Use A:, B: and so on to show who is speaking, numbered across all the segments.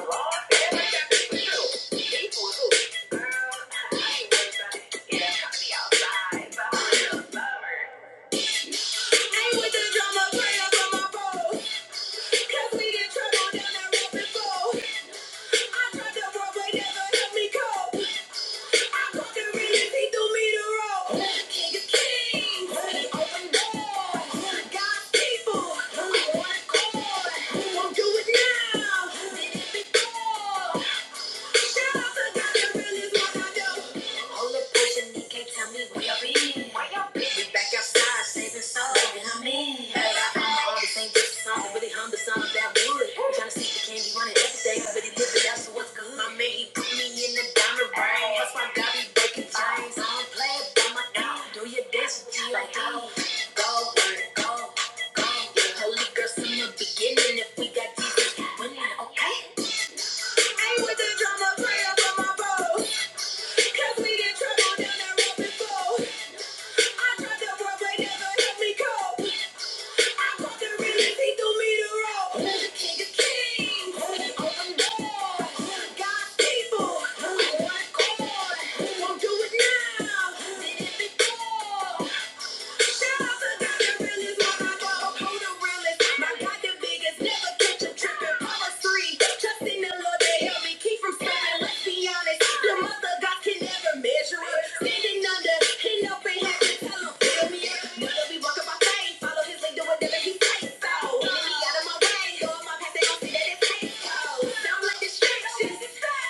A: Yeah. People, who want to people. Do it now! Did it before. Go, go, go, yeah. Holy girl, from the beginning, if we got Jesus, we winning, okay? Won't do it now. Did it before.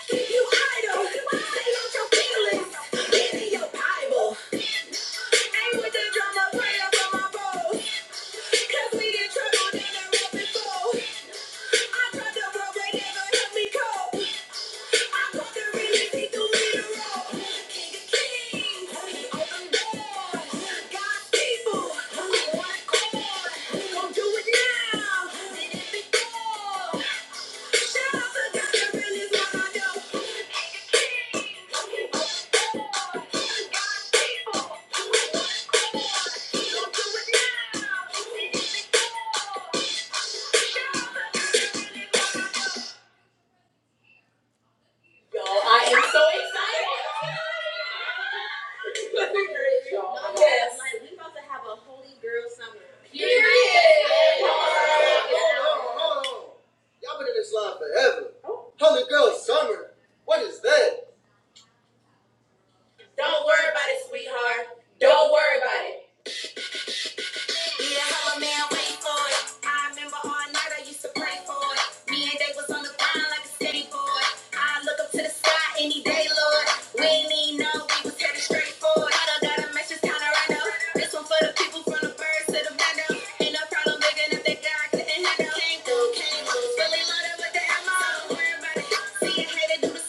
A: Keep you idle. Stay out your feelings. Give me your Bible. Ain't with the drama, pray up my bowl. we in trouble, then I rap it I tried to roll, but never held me cold. I caught the release, he threw me the King of kings, open doors. God's people, one accord. Gon' do it now, did it before. I'm so excited. Yes. Y'all been in this line forever. Holy girl summer. What is that? Need a hella man, wait for it. I remember all night I used to pray for it. Me and they was on the ground like a steady boy. I look up to the sky any day, Lord. We ain't need no, we was headed straight for it. I done got a message down random. This one for the people from the birds to the window. Ain't no problem big enough that God couldn't handle. Came through, came through. Really loaded with the ammo. Don't worry about it. See a hater do the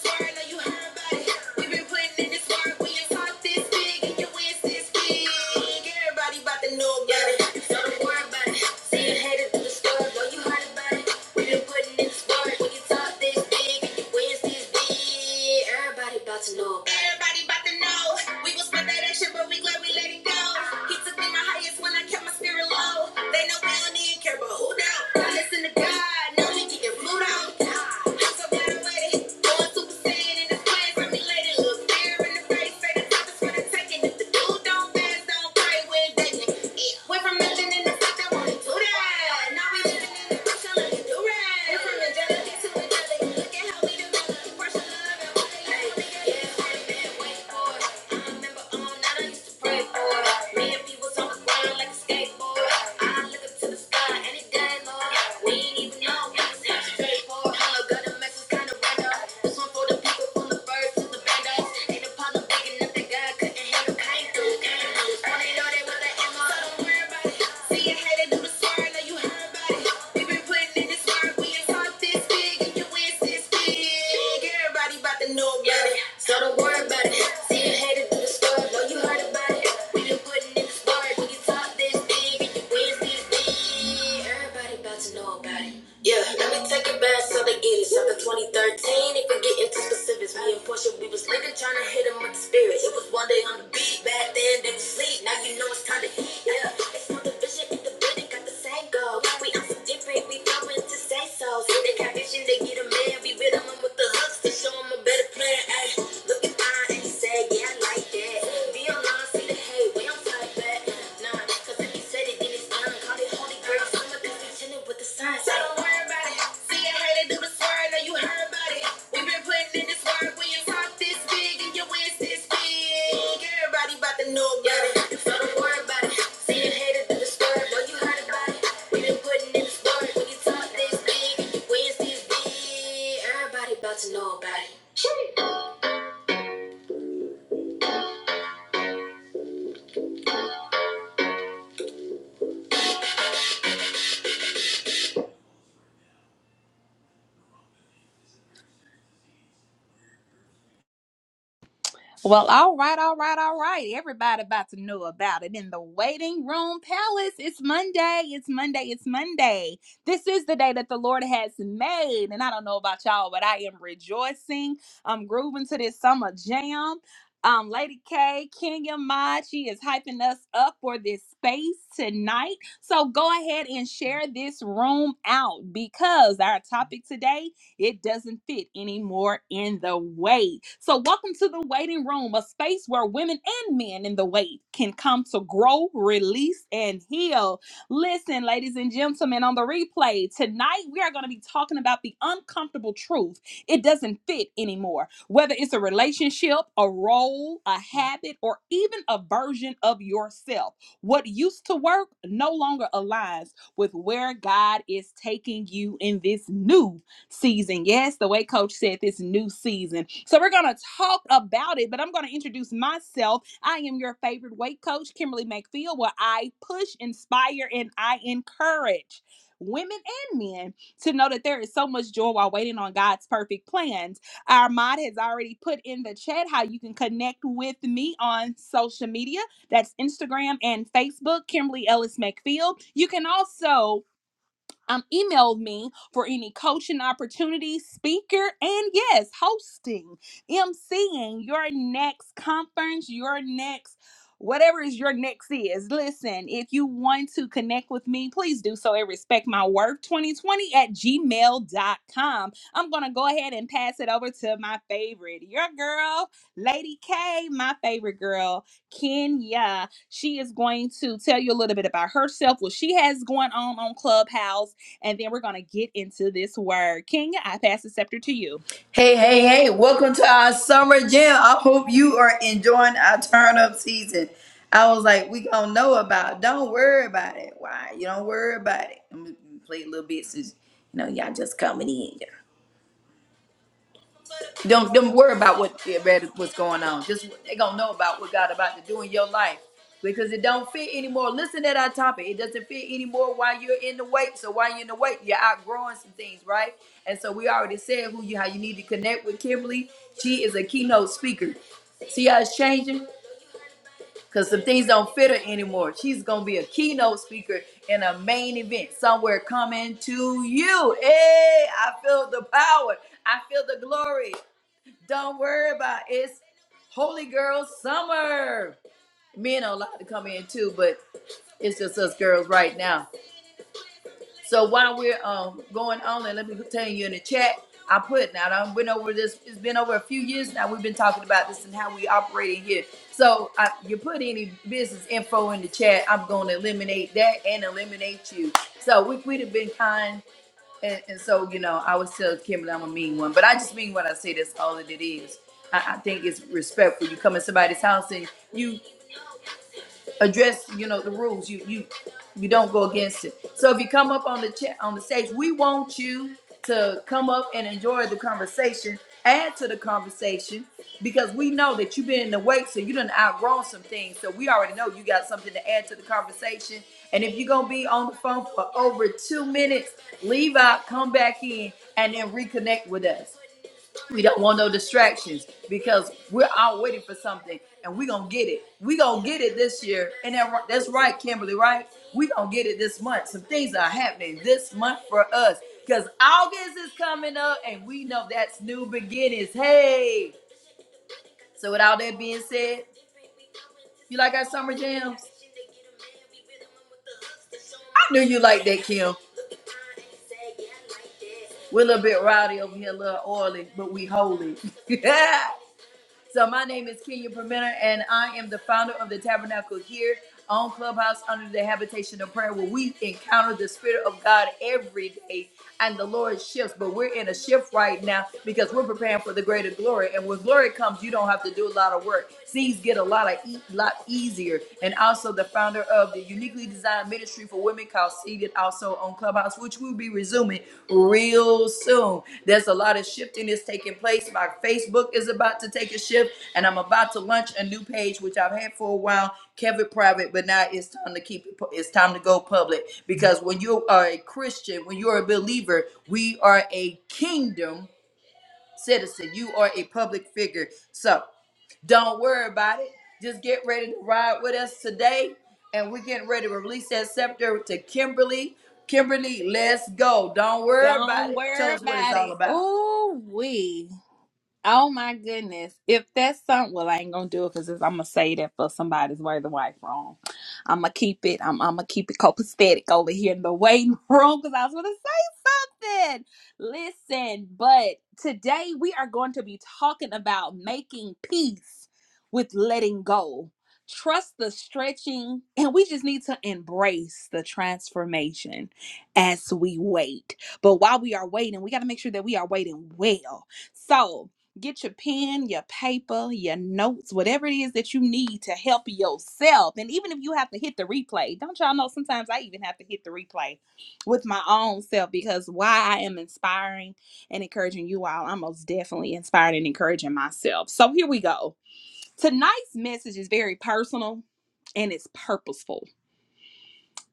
A: about look. Everybody about to know. We gon' spend that action, but we glad we let it go. He took me my highest when I kept my spirit low. They know we don't need care, but who do I listen to God, no Gigi and Pluto. I'm so glad I waited. Going super in the plans for me later. in the face, say the top for the taking. If the dude don't fast, don't pray, we're dating. Yeah. Went from nothing in the fuck, I wanted to die. This one for the people from the birds to the bandos. Ain't a problem so don't worry about it. See you headed to the store. Know you heard about it. We been putting in the work. We can talk this big and you win this big. Everybody about to know about it. Yeah, let me take it back so they get it. After 2013, if we get into specifics, me and Portia, we was living trying to hit 'em with the spirits. It was one day on the beat, back then they was sleep. Now you know it's time to eat. Yeah, it's not the vision in the building, got the same goal. We are so different, we going to say so. So They got vision, they get a man. We rhythm 'em with the hooks to show 'em a better plan. Ay, look at mine, and he said, yeah, I like that. Be online, see the hate, we don't play. About to know about it.
B: Well, all right, all right, all right. Everybody about to know about it in the waiting room palace. It's Monday. It's Monday. It's Monday. This is the day that the Lord has made. And I don't know about y'all, but I am rejoicing. I'm grooving to this summer jam. Um, Lady K, Kenya Mod, she is hyping us up for this space tonight. So go ahead and share this room out because our topic today it doesn't fit anymore in the weight. So, welcome to the waiting room, a space where women and men in the weight can come to grow, release, and heal. Listen, ladies and gentlemen, on the replay tonight, we are going to be talking about the uncomfortable truth. It doesn't fit anymore, whether it's a relationship, a role, a habit, or even a version of yourself. What used to work no longer aligns with where God is taking you in this new season. Yes, the way coach said this new season. So we're going to talk about it, but I'm going to introduce myself. I am your favorite weight coach, Kimberly McField, where I push, inspire, and I encourage women and men to know that there is so much joy while waiting on God's perfect plans. Our mod has already put in the chat how you can connect with me on social media. That's Instagram and Facebook, Kimberly Ellis McField. You can also um, email me for any coaching opportunities, speaker, and yes, hosting, emceeing your next conference, your next whatever is your next is. Listen, if you want to connect with me, please do so at respect my worth. 2020 at Gmail dot com. I'm going to go ahead and pass it over to my favorite, your girl, Lady K, my favorite girl, Kenya. She is going to tell you a little bit about herself, what she has going on on Clubhouse and then we're going to get into this word. King, I pass the scepter to you.
A: Hey, hey, hey, welcome to our summer jam. I hope you are enjoying our turn up season. I was like, we gonna know about it. Don't worry about it. Why? You don't worry about it. I'm gonna play a little bit since you know y'all just coming in. Don't don't worry about what what's going on. Just they gonna know about what God about to do in your life because it don't fit anymore. Listen to our topic. It doesn't fit anymore while you're in the wait. So while you're in the wait, you're outgrowing some things, right? And so we already said who you how you need to connect with Kimberly. She is a keynote speaker. See how it's changing? Because some things don't fit her anymore. She's going to be a keynote speaker in a main event somewhere coming to you. Hey, I feel the power. I feel the glory. Don't worry about it. It's Holy Girl Summer. Men are allowed to come in too, but it's just us girls right now. So while we're um going on, and let me tell you in the chat, I put now I've been over this. It's been over a few years now. We've been talking about this and how we operate in here. So I, you put any business info in the chat, I'm going to eliminate that and eliminate you. So we, we'd have been kind. And, and so, you know, I always tell Kimberly I'm a mean one, but I just mean when I say that's all that it is. I, I think it's respectful. You come in somebody's house and you address you know the rules you you you don't go against it so if you come up on the chat on the stage we want you to come up and enjoy the conversation add to the conversation because we know that you've been in the wait so you done outgrown some things so we already know you got something to add to the conversation and if you're gonna be on the phone for over two minutes leave out come back in and then reconnect with us we don't want no distractions because we're out waiting for something and we're going to get it. We're going to get it this year. And that, ri- that's right, Kimberly, right? We're going to get it this month. Some things are happening this month for us because August is coming up and we know that's new beginnings. Hey. So, with all that being said, you like our summer jams? I knew you like that, Kim. We're a little bit rowdy over here, a little oily, but we holy. So my name is Kenya Permenter, and I am the founder of the Tabernacle here on Clubhouse under the habitation of prayer, where we encounter the Spirit of God every day, and the Lord shifts. But we're in a shift right now because we're preparing for the greater glory. And when glory comes, you don't have to do a lot of work. Seeds get a lot of e- lot easier. And also the founder of the Uniquely Designed online ministry for women called Seated also on Clubhouse, which will be resuming real soon. There's a lot of shifting that's taking place. My Facebook is about to take a shift, and I'm about to launch a new page, which I've had for a while, Kevin Private, but now it's time to keep it, pu- it's time to go public because when you are a Christian, when you're a believer, we are a kingdom citizen. You are a public figure. So don't worry about it. Just get ready to ride with us today. And we're getting ready to release that scepter to Kimberly. Kimberly, let's go. Don't worry about
B: Don't
A: it. Tell
B: worry
A: us what it's
B: about
A: all
B: it.
A: about.
B: Oh we. Oh my goodness. If that's something well, I ain't gonna do it because I'm gonna say that for somebody's worthy wife wrong. I'ma keep it. I'm I'ma keep it copacetic over here in the waiting room because I was gonna say nothing. Listen, but today we are going to be talking about making peace with letting go. Trust the stretching, and we just need to embrace the transformation as we wait. But while we are waiting, we got to make sure that we are waiting well. So, get your pen, your paper, your notes, whatever it is that you need to help yourself. And even if you have to hit the replay, don't y'all know sometimes I even have to hit the replay with my own self because why I am inspiring and encouraging you all, I'm most definitely inspired and encouraging myself. So here we go. Tonight's message is very personal and it's purposeful.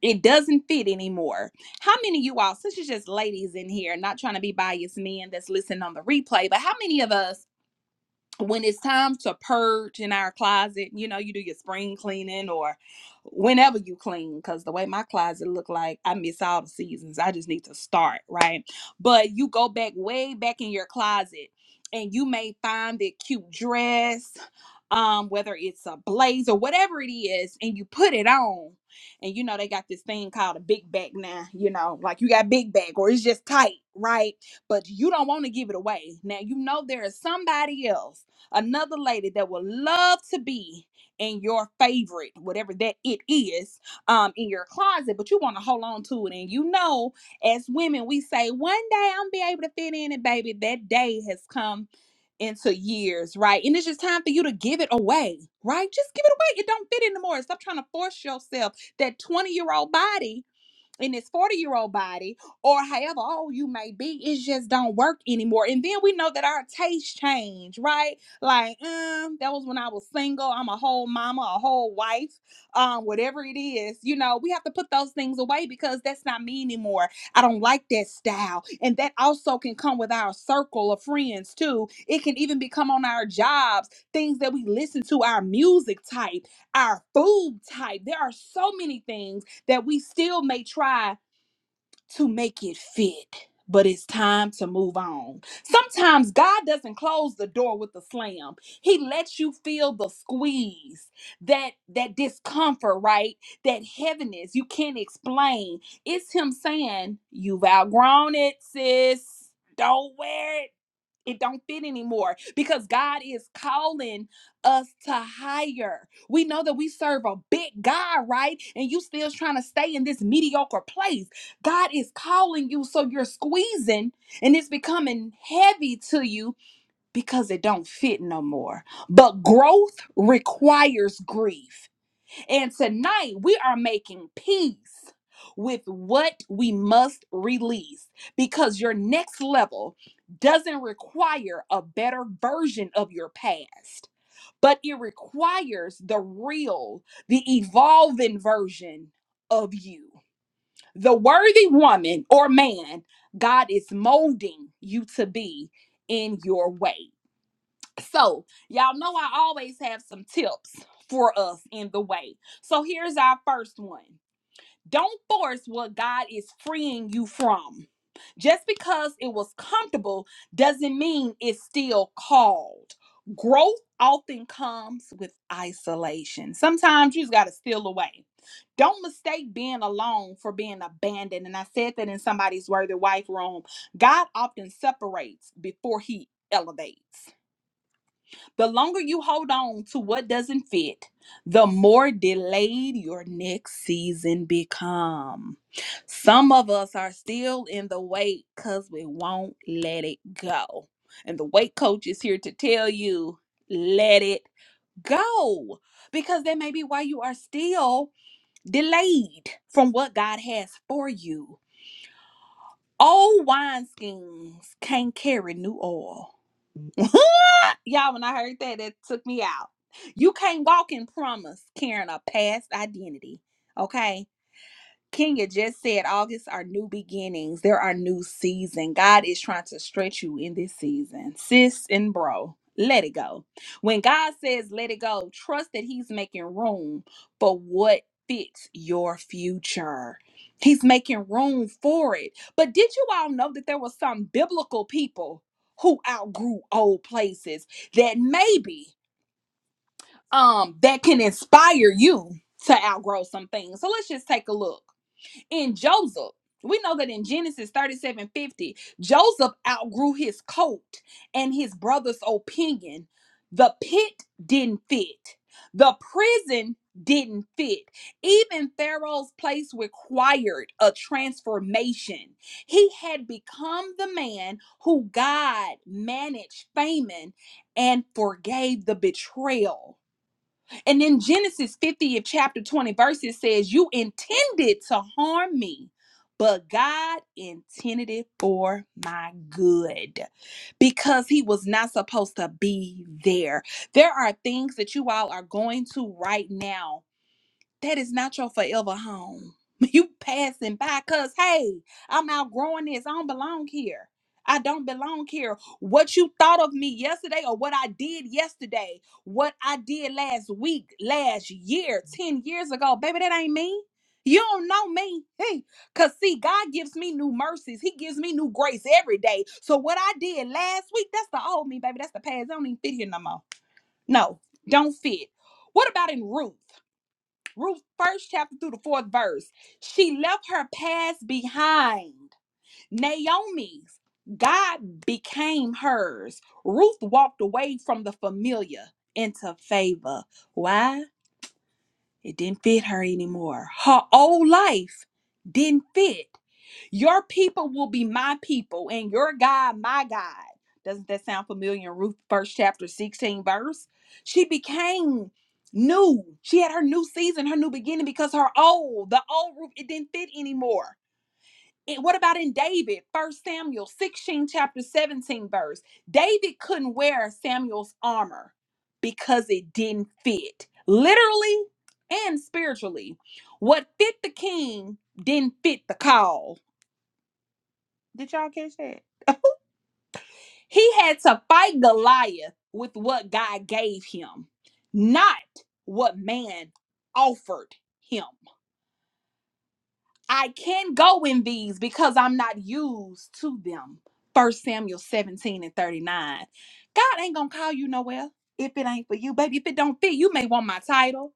B: It doesn't fit anymore. How many of you all, since it's just ladies in here, not trying to be biased men that's listening on the replay, but how many of us when it's time to purge in our closet, you know, you do your spring cleaning or whenever you clean, because the way my closet look like, I miss all the seasons. I just need to start, right? But you go back way back in your closet and you may find that cute dress, um, whether it's a blazer, whatever it is, and you put it on. And you know, they got this thing called a big back now, you know, like you got big back or it's just tight, right? But you don't want to give it away. Now you know there is somebody else another lady that would love to be in your favorite, whatever that it is, um, in your closet, but you want to hold on to it. And you know, as women, we say, one day I'm be able to fit in it, baby. That day has come into years, right? And it's just time for you to give it away, right? Just give it away. It don't fit anymore. Stop trying to force yourself. That 20 year old body in this 40 year old body or however old you may be it just don't work anymore and then we know that our tastes change right like um that was when i was single i'm a whole mama a whole wife um whatever it is you know we have to put those things away because that's not me anymore i don't like that style and that also can come with our circle of friends too it can even become on our jobs things that we listen to our music type our food type there are so many things that we still may try to make it fit, but it's time to move on. Sometimes God doesn't close the door with a slam. He lets you feel the squeeze, that that discomfort, right? That heaviness you can't explain. It's him saying, "You've outgrown it, sis. Don't wear it it don't fit anymore because God is calling us to higher. We know that we serve a big God, right? And you still trying to stay in this mediocre place. God is calling you, so you're squeezing and it's becoming heavy to you because it don't fit no more. But growth requires grief. And tonight we are making peace with what we must release because your next level doesn't require a better version of your past, but it requires the real, the evolving version of you. The worthy woman or man God is molding you to be in your way. So, y'all know I always have some tips for us in the way. So, here's our first one Don't force what God is freeing you from. Just because it was comfortable doesn't mean it's still called. Growth often comes with isolation. Sometimes you just got to steal away. Don't mistake being alone for being abandoned. And I said that in somebody's Worthy Wife room. God often separates before he elevates. The longer you hold on to what doesn't fit, the more delayed your next season become. Some of us are still in the wait cuz we won't let it go. And the weight coach is here to tell you, let it go. Because that may be why you are still delayed from what God has for you. Old wineskins can't carry new oil. Y'all, when I heard that, that took me out. You can't walk in promise carrying a past identity. Okay. Kenya just said August are new beginnings. There are new season. God is trying to stretch you in this season. Sis and bro, let it go. When God says let it go, trust that he's making room for what fits your future. He's making room for it. But did you all know that there were some biblical people who outgrew old places that maybe um that can inspire you to outgrow some things. So let's just take a look in Joseph. We know that in Genesis 37 50, Joseph outgrew his coat and his brother's opinion. The pit didn't fit, the prison didn't fit. Even Pharaoh's place required a transformation. He had become the man who God managed famine and forgave the betrayal. And then Genesis 50th chapter 20 verses says, You intended to harm me, but God intended it for my good because he was not supposed to be there. There are things that you all are going to right now that is not your forever home. You passing by because, hey, I'm outgrowing this. I don't belong here. I don't belong here. What you thought of me yesterday or what I did yesterday, what I did last week, last year, 10 years ago, baby, that ain't me. You don't know me. Hey, because see, God gives me new mercies. He gives me new grace every day. So what I did last week, that's the old me, baby. That's the past. I don't even fit here no more. No, don't fit. What about in Ruth? Ruth first chapter through the fourth verse. She left her past behind. Naomi's. God became hers. Ruth walked away from the familiar into favor. Why? It didn't fit her anymore. Her old life didn't fit. Your people will be my people, and your God, my God. Doesn't that sound familiar in Ruth, first chapter, 16 verse? She became new. She had her new season, her new beginning, because her old, the old Ruth, it didn't fit anymore. And what about in David, First Samuel 16, chapter 17 verse? David couldn't wear Samuel's armor because it didn't fit, literally and spiritually. What fit the king didn't fit the call did y'all catch that? He had to fight Goliath with what God gave him, not what man offered him. I can not go in these because I'm not used to them. First Samuel 17 and 39. God ain't gonna call you nowhere if it ain't for you, baby. If it don't fit, you may want my title.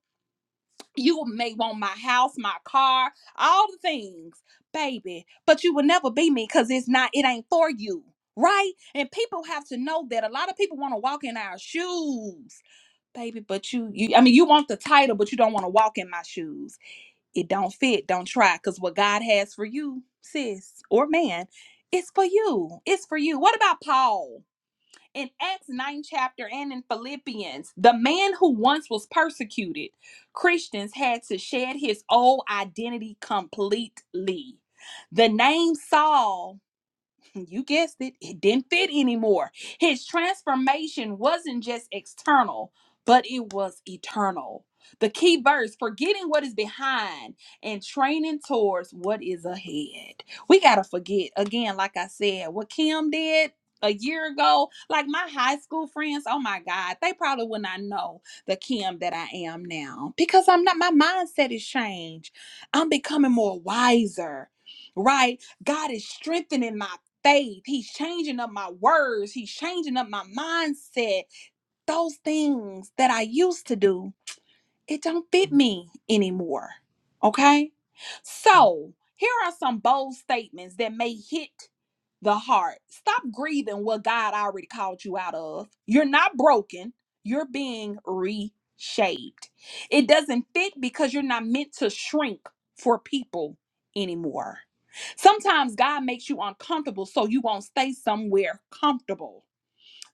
B: You may want my house, my car, all the things, baby, but you will never be me because it's not, it ain't for you, right? And people have to know that a lot of people want to walk in our shoes, baby, but you, you, I mean, you want the title, but you don't want to walk in my shoes. It don't fit, don't try, because what God has for you, sis or man, it's for you. It's for you. What about Paul? in Acts 9 chapter and in Philippians, the man who once was persecuted, Christians had to shed his old identity completely. The name Saul you guessed it, it didn't fit anymore. His transformation wasn't just external, but it was eternal. The key verse forgetting what is behind and training towards what is ahead. We got to forget, again, like I said, what Kim did. A year ago, like my high school friends, oh my God, they probably would not know the Kim that I am now because I'm not, my mindset is changed. I'm becoming more wiser, right? God is strengthening my faith. He's changing up my words. He's changing up my mindset. Those things that I used to do it don't fit me anymore. Okay? So, here are some bold statements that may hit the heart. Stop grieving what God already called you out of. You're not broken, you're being reshaped. It doesn't fit because you're not meant to shrink for people anymore. Sometimes God makes you uncomfortable so you won't stay somewhere comfortable.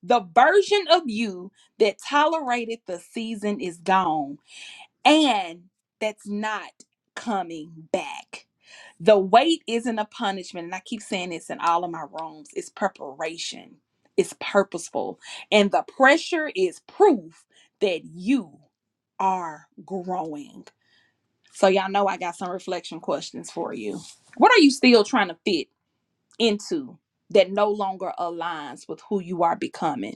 B: The version of you that tolerated the season is gone and that's not coming back. The wait isn't a punishment, and I keep saying this in all of my rooms. It's preparation, it's purposeful, and the pressure is proof that you are growing. So, y'all know I got some reflection questions for you. What are you still trying to fit into that no longer aligns with who you are becoming?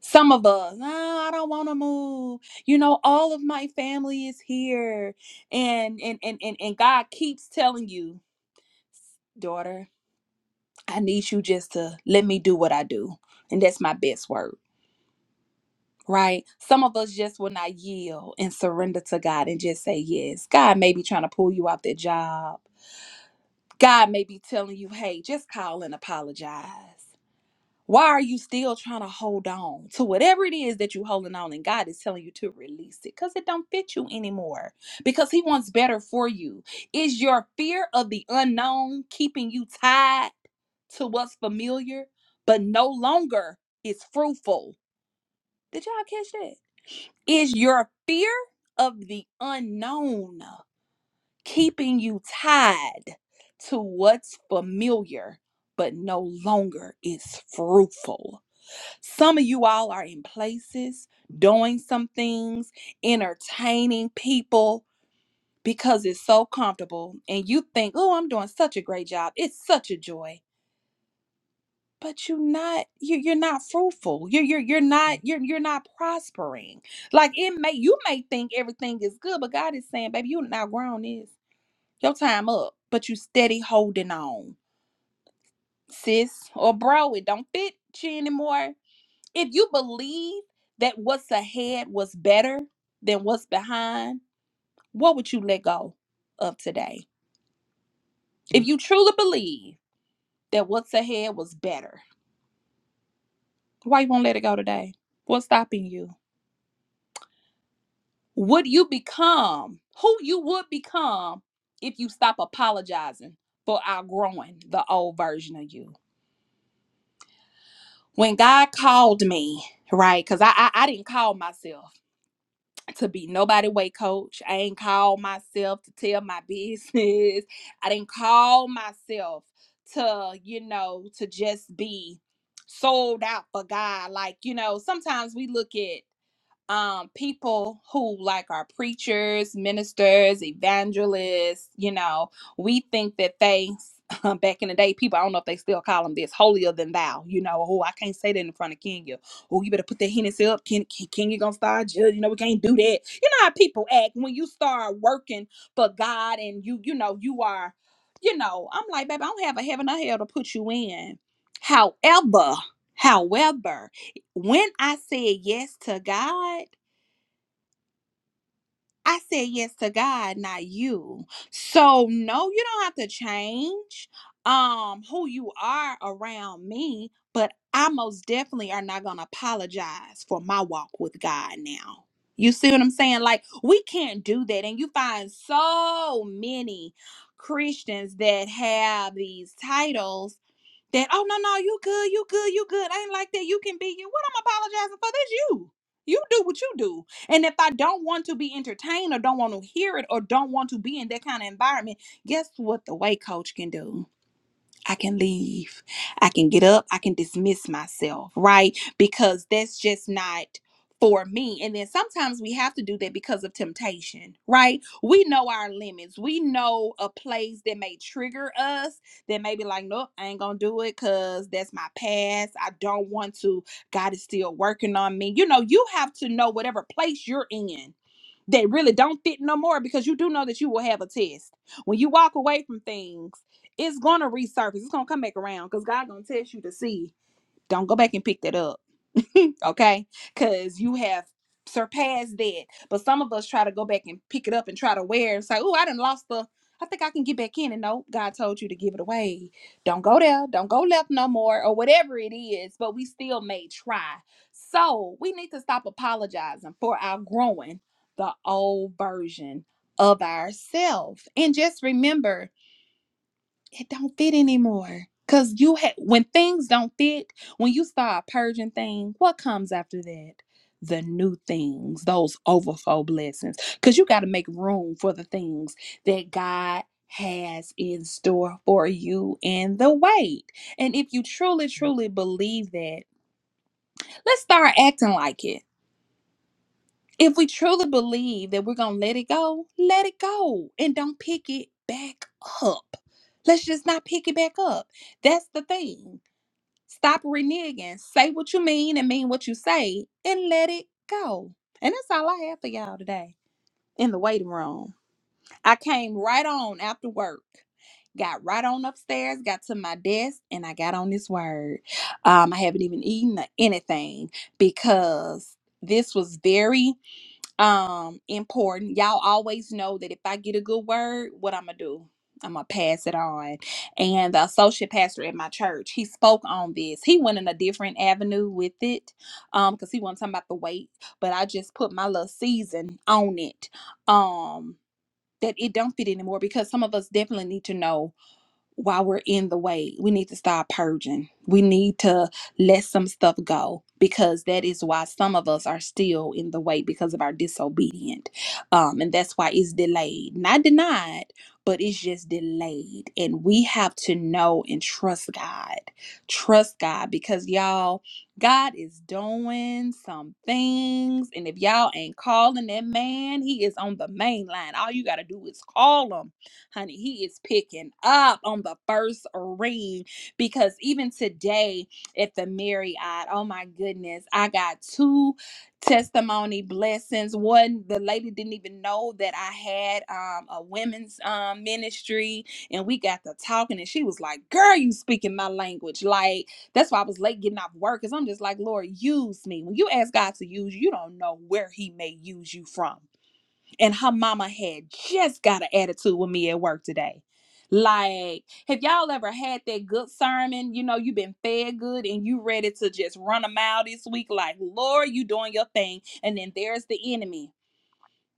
B: Some of us, no, I don't want to move. You know, all of my family is here. And and and and, and God keeps telling you, daughter, I need you just to let me do what I do. And that's my best word. Right? Some of us just will not yield and surrender to God and just say yes. God may be trying to pull you off that job. God may be telling you, hey, just call and apologize. Why are you still trying to hold on to whatever it is that you're holding on and God is telling you to release it because it don't fit you anymore because He wants better for you? Is your fear of the unknown keeping you tied to what's familiar but no longer is fruitful? Did y'all catch that? Is your fear of the unknown keeping you tied to what's familiar but no longer is fruitful? Some of you all are in places doing some things, entertaining people because it's so comfortable and you think, "Oh, I'm doing such a great job. It's such a joy." But you're not you're, you're not fruitful. You're you're you're not you're you're not prospering. Like it may you may think everything is good, but God is saying, baby, you are not grown is your time up, but you steady holding on. Sis or bro, it don't fit you anymore If you believe that what's ahead was better than what's behind, what would you let go of today? If you truly believe that what's ahead was better, why you won't let it go today? What's stopping you? Would you become who you would become if you stop apologizing for outgrowing the old version of you? When God called me, right? Because I, I I didn't call myself. to be nobody weight coach. I ain't call myself to tell my business. I didn't call myself to, you know, to just be sold out for God. Like, you know, sometimes we look at um people who like our preachers ministers evangelists you know we think that they back in the day people i don't know if they still call them this holier than thou you know oh i can't say that in front of kenya oh you better put that hennessy up Ken, Ken, kenya gonna start judging you know we can't do that you know how people act when you start working for god and you you know you are you know i'm like baby i don't have a heaven or hell to put you in however however when i said yes to god I said yes to God, not you. So no, you don't have to change um who you are around me, but I most definitely are not gonna apologize for my walk with God now. You see what I'm saying? Like we can't do that. And you find so many Christians that have these titles that oh no no you good you good you good I ain't like that you can be you what I'm apologizing for that's you you do what you do and if I don't want to be entertained or don't want to hear it or don't want to be in that kind of environment guess what the way coach can do I can leave. I can get up. I can dismiss myself, right? Because that's just not for me. And then sometimes we have to do that because of temptation, right? We know our limits. We know a place that may trigger us that may be like, nope, I ain't going to do it because that's my past. I don't want to. God is still working on me. You know, you have to know whatever place you're in that really don't fit no more because you do know that you will have a test when you walk away from things it's gonna resurface it's gonna come back around because god gonna test you to see don't go back and pick that up okay? Because you have surpassed that. But some of us try to go back and pick it up and try to wear. It's like, oh, I done lost the. I think I can get back in. And no, God told you to give it away. Don't go there. Don't go left no more, or whatever it is. But we still may try. So we need to stop apologizing for our growing the old version of ourselves. And just remember it don't fit anymore. Cause you had when things don't fit, when you start purging things, what comes after that? The new things, those overflow blessings. Cause you got to make room for the things that God has in store for you in the wait. And if you truly, truly believe that, let's start acting like it. If we truly believe that we're going to let it go, let it go and don't pick it back up. Let's just not pick it back up. That's the thing. Stop reneging. Say what you mean and mean what you say and let it go. And that's all I have for y'all today in the waiting room. I came right on after work. Got right on upstairs, got to my desk, and I got on this word. Um, I haven't even eaten or anything because this was very um important y'all always know that if i get a good word what i'm gonna do i'm gonna pass it on and the associate pastor at my church he spoke on this he went in a different avenue with it um because he wasn't talking about the weight but i just put my little season on it um that it don't fit anymore because some of us definitely need to know while we're in the way, we need to stop purging. We need to let some stuff go because that is why some of us are still in the way because of our disobedient. Um, and that's why it's delayed, not denied, but it's just delayed. And we have to know and trust God. Trust God because y'all, God is doing some things. And if y'all ain't calling that man, he is on the main line. All you got to do is call him honey, he is picking up on the first ring because even today at the Marriott, oh my goodness, I got two testimony blessings. One, the lady didn't even know that I had um, a women's um, ministry, and we got to talking, and she was like, "Girl, you speaking my language." Like that's why I was late getting off work, cause I'm just like, "Lord, use me." When you ask God to use you, you don't know where He may use you from and her mama had just got an attitude with me at work today. Like, have y'all ever had that good sermon? You know, you've been fed good and you ready to just run a mile this week. Like, Lord, you doing your thing, and then there's the enemy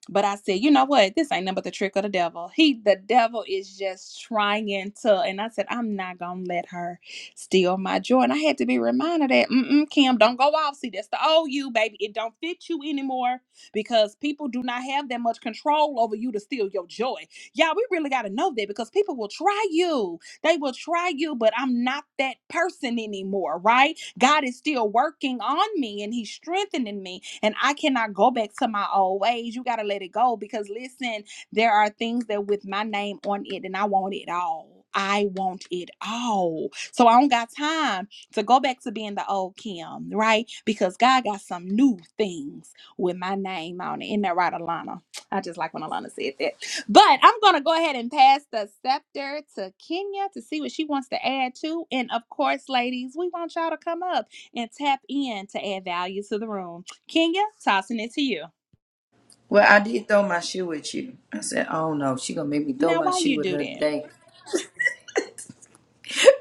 B: but I said, you know what? This ain't nothing but the trick of the devil. He, the devil, is just trying to. And I said, I'm not gonna let her steal my joy. And I had to be reminded that, mm-mm, Kim, don't go off. See, that's the old you, baby. It don't fit you anymore because people do not have that much control over you to steal your joy. Y'all, we really gotta know that because people will try you. They will try you, but I'm not that person anymore, right? God is still working on me and He's strengthening me. And I cannot go back to my old ways. You got to let it go because listen, there are things that with my name on it, and I want it all. I want it all. So I don't got time to go back to being the old Kim, right? Because God got some new things with my name on it. Isn't that right, Alana? I just like when Alana said that. But I'm going to go ahead and pass the scepter to Kenya to see what she wants to add to. And of course, ladies, we want y'all to come up and tap in to add value to the room. Kenya, tossing it to you.
A: Well, I did throw my shoe at you. I said, oh no, she gonna make me throw
B: Now,
A: my
B: why you
A: shoe at
B: do
A: her
B: that?
A: today.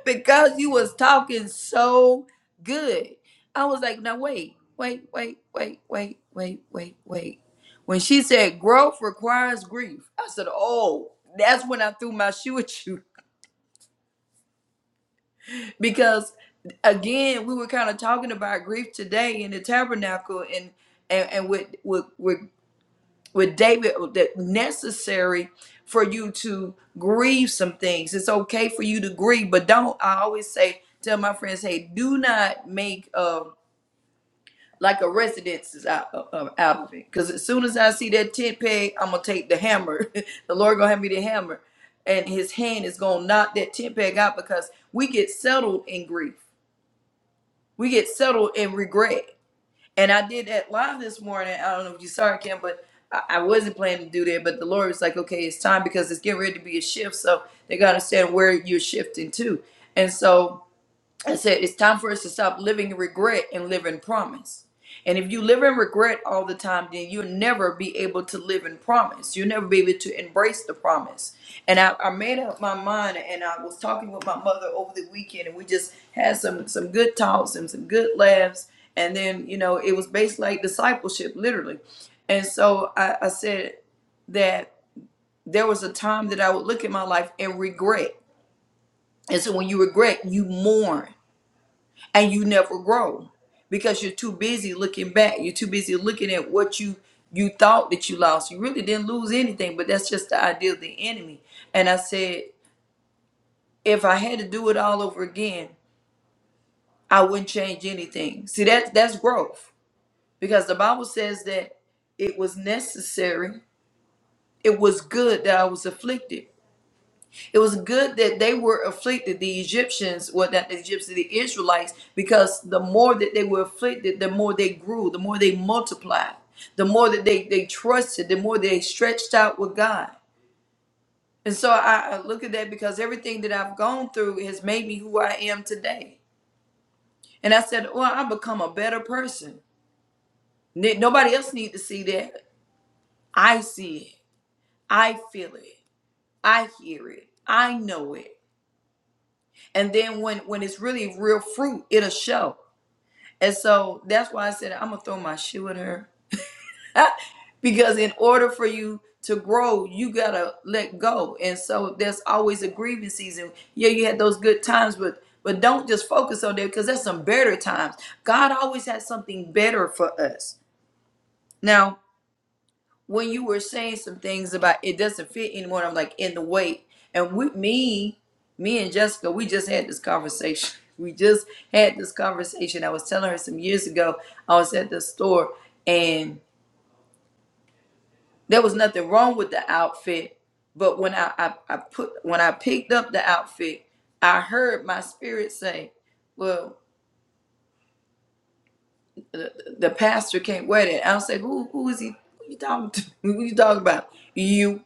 A: because you was talking so good. I was like, now wait, wait, wait, wait, wait, wait, wait, wait. When she said growth requires grief, I said, oh, that's when I threw my shoe at you. Because again, we were kind of talking about grief today in the tabernacle and and, and with, with with with David uh, that necessary for you to grieve some things. It's okay for you to grieve, but don't. I always say, tell my friends, hey, do not make um like a residence is out, uh, uh, out of it. Because as soon as I see that tent peg, I'm gonna take the hammer. the Lord gonna have me the hammer, and His hand is gonna knock that tent peg out because we get settled in grief. We get settled in regret. And I did that live this morning. I don't know if you saw it, Kim, but I, I wasn't planning to do that. But the Lord was like, okay, it's time because it's getting ready to be a shift. So they got to understand where you're shifting to. And so I said, it's time for us to stop living in regret and live in promise. And if you live in regret all the time, then you'll never be able to live in promise. You'll never be able to embrace the promise. And I, I made up my mind and I was talking with my mother over the weekend and we just had some some good talks and some good laughs. And then, you know, it was based like discipleship, literally. And so I, I said that there was a time that I would look at my life and regret. And so when you regret, you mourn and you never grow because you're too busy looking back. You're too busy looking at what you you thought that you lost. You really didn't lose anything, but that's just the idea of the enemy. And I said, if I had to do it all over again, I wouldn't change anything. See that that's growth because the Bible says that it was necessary. It was good that I was afflicted It was good that they were afflicted, the Egyptians, well, not the Egyptians, the Israelites, because the more that they were afflicted, the more they grew, the more they multiplied, the more that they, they trusted, the more they stretched out with God. And so I, I look at that because everything that I've gone through has made me who I am today. And I said, well, I become a better person. N- Nobody else need to see that. I see it. I feel it. I hear it. I know it. And then when when it's really real fruit, it'll show. And so that's why I said I'm gonna throw my shoe at her. because in order for you to grow, you gotta let go. And so there's always a grieving season. Yeah, you had those good times, but but don't just focus on that because there's some better times. God always has something better for us. Now when you were saying some things about it doesn't fit anymore, and I'm like in the weight. And with me, me and Jessica, we just had this conversation. We just had this conversation. I was telling her some years ago, I was at the store and there was nothing wrong with the outfit. But when I, I, I put when I picked up the outfit, I heard my spirit say, Well, the pastor can't wear that. I was like, Who who is he who you talking to? Who you talking about? You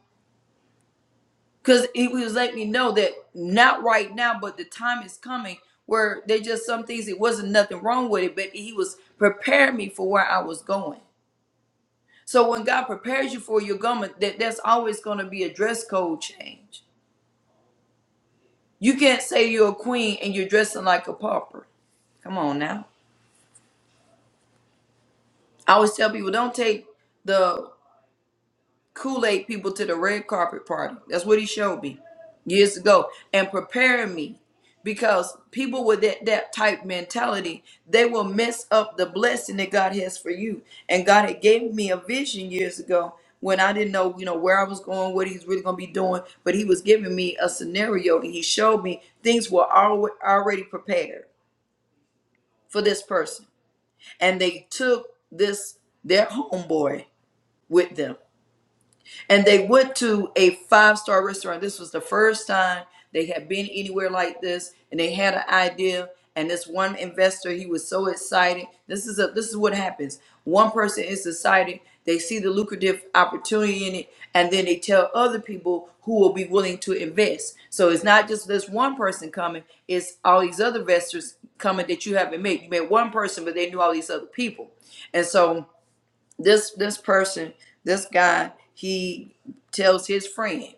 A: because he was letting me know that not right now, but the time is coming where they just some things it wasn't nothing wrong with it, but he was preparing me for where I was going. So when God prepares you for your garment, that that's always going to be a dress code change. You can't say you're a queen and you're dressing like a pauper. Come on now. I always tell people don't take the Kool-Aid people to the red carpet party. That's what he showed me years ago and preparing me because people with that, that type mentality, they will mess up the blessing that God has for you. And God had gave me a vision years ago when I didn't know, you know, where I was going, what he's really going to be doing, but he was giving me a scenario and he showed me things were alwa- already prepared for this person. And they took this their homeboy with them and they went to a five star restaurant. This was the first time they had been anywhere like this, and they had an idea. And this one investor, he was so excited. This is a this is what happens. One person is excited. They see the lucrative opportunity in it, and then they tell other people who will be willing to invest. So it's not just this one person coming; it's all these other investors coming that you haven't met. You met one person, but they knew all these other people, and so this this person, this guy, he tells his friend,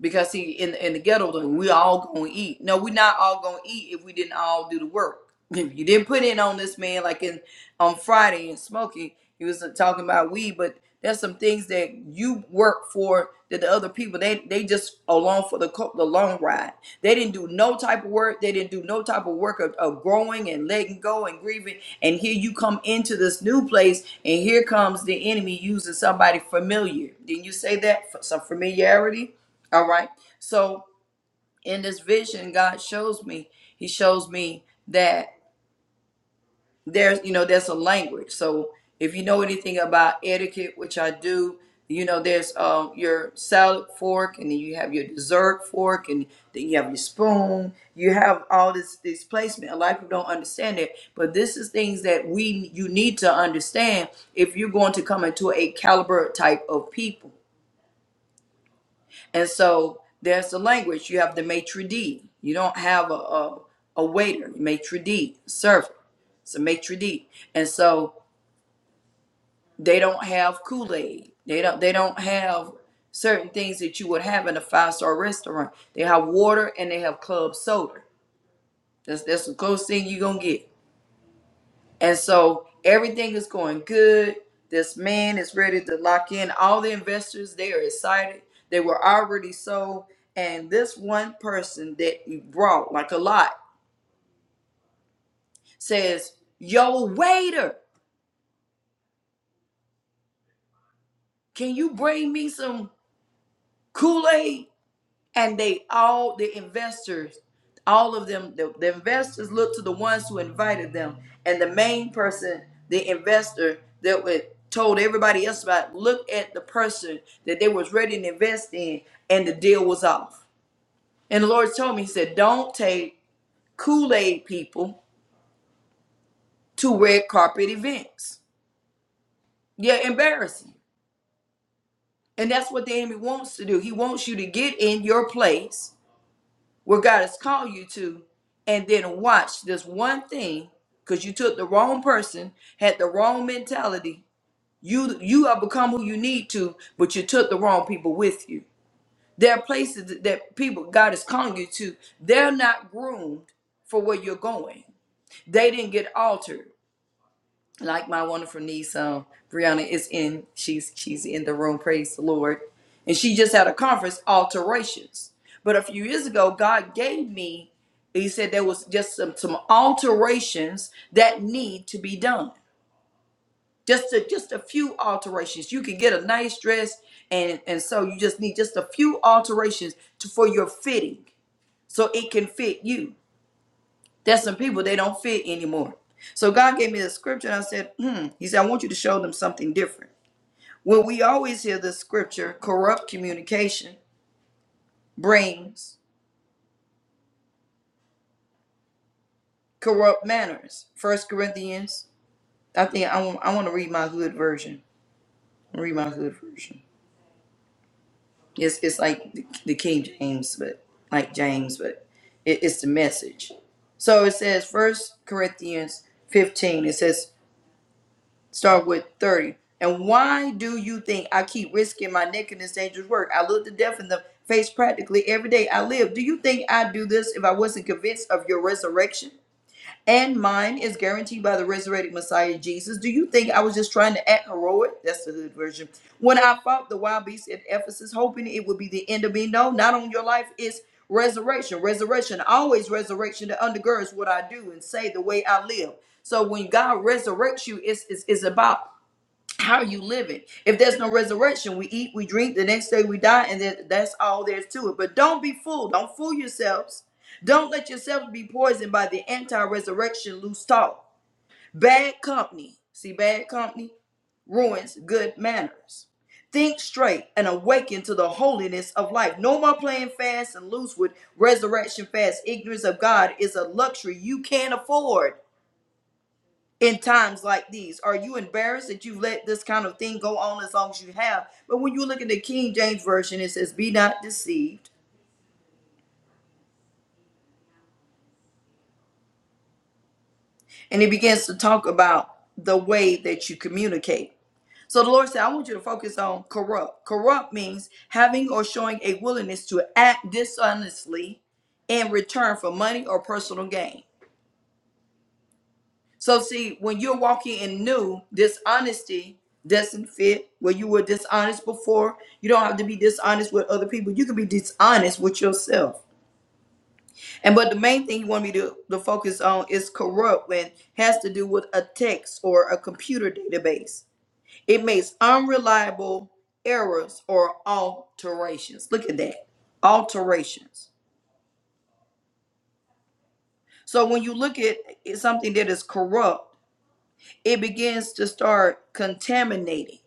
A: because see in in the ghetto we all gonna eat no we not all gonna eat if we didn't all do the work if you didn't put in on this man like in on friday and smoking he was talking about weed but there's some things that you work for that the other people they they just along for the co- the long ride they didn't do no type of work they didn't do no type of work of, of growing and letting go and grieving and here you come into this new place and here comes the enemy using somebody familiar didn't you say that F- some familiarity all right. So in this vision, God shows me, He shows me that there's, you know, there's a language. So if you know anything about etiquette, which I do, you know, there's um, your salad fork, and then you have your dessert fork, and then you have your spoon. You have all this this placement. A lot of people don't understand it, but this is things that we you need to understand if you're going to come into a caliber type of people. And so there's the language. You have the maitre d. You don't have a, a, a waiter, maitre d, server. It's a maitre d. And so they don't have Kool-Aid. They don't they don't have certain things that you would have in a five-star restaurant. They have water and they have club soda. That's that's the closest thing you're gonna get. And so everything is going good. This man is ready to lock in. All the investors, they are excited. They were already sold. And this one person that you brought, like a lot, says, Yo, waiter, can you bring me some Kool Aid? and they all the investors all of them the, the investors looked to the ones who invited them and the main person the investor that would told everybody else about look at the person that they was ready to invest in and the deal was off and the lord told me he said don't take kool-aid people to red carpet events yeah embarrassing and that's what the enemy wants to do he wants you to get in your place where God has called you to, and then watch this one thing because you took the wrong person, had the wrong mentality. You you have become who you need to, but you took the wrong people with you. There are places that that people God is calling you to. They're not groomed for where you're going. They didn't get altered like my wonderful niece um Brianna is in she's she's in the room praise the Lord and she just had a conference alterations but a few years ago God gave me he said there was just some some alterations that need to be done just a, just a few alterations you can get a nice dress and and so you just need just a few alterations to, for your fitting so it can fit you there's some people they don't fit anymore. So God gave me the scripture and I said, hmm. He said, I want you to show them something different. Well, we always hear the scripture, corrupt communication brings corrupt manners. First Corinthians, I think I want, I want to read my hood version. Read my hood version. It's, it's like the, the King James, but like James, but it, it's the message. So it says, First Corinthians 15, it says, start with 30. And why do you think I keep risking my neck in this dangerous work? I look the death in the face practically every day I live. Do you think I'd do this if I wasn't convinced of your resurrection? And mine is guaranteed by the resurrected Messiah Jesus. Do you think I was just trying to act heroic? That's the hood version. When I fought the wild beast at Ephesus, hoping it would be the end of me. No, not on your life. It's resurrection. Resurrection, always resurrection that undergirds what I do and say the way I live. So when God resurrects you, it's, it's, it's about how are you living? If there's no resurrection, we eat, we drink, the next day we die, and that, that's all there's to it. But don't be fooled. Don't fool yourselves. Don't let yourselves be poisoned by the anti resurrection loose talk. Bad company, see, bad company ruins good manners. Think straight and awaken to the holiness of life. No more playing fast and loose with resurrection fast. Ignorance of God is a luxury you can't afford in times like these? Are you embarrassed that you let this kind of thing go on as long as you have? But when you look at the King James Version, it says, Be not deceived. And it begins to talk about the way that you communicate. So the Lord said, I want you to focus on corrupt. Corrupt means having or showing a willingness to act dishonestly in return for money or personal gain. So see, when you're walking in new, dishonesty doesn't fit where you were dishonest before. You don't have to be dishonest with other people. You can be dishonest with yourself. And but the main thing you want me to, to focus on is corrupt and has to do with a text or a computer database. It makes unreliable errors or alterations. Look at that. Alterations. So when you look at something that is corrupt, it begins to start contaminating.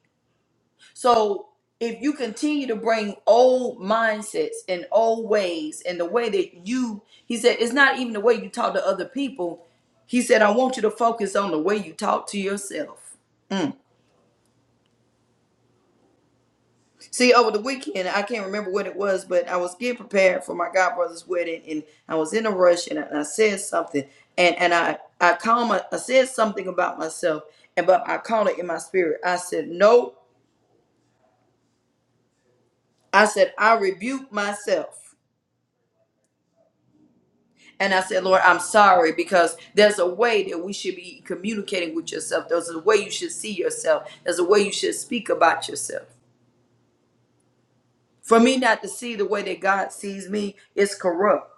A: So if you continue to bring old mindsets and old ways and the way that you, he said, it's not even the way you talk to other people. He said, I want you to focus on the way you talk to yourself. Mm. See, over the weekend, I can't remember what it was, but I was getting prepared for my godbrother's wedding and I was in a rush and I, and I said something and, and I, I called my, I said something about myself and but I called it in my spirit. I said, no, I said, I rebuke myself. And I said, Lord, I'm sorry because there's a way that we should be communicating with yourself. There's a way you should see yourself. There's a way you should speak about yourself. For me not to see the way that God sees me is corrupt.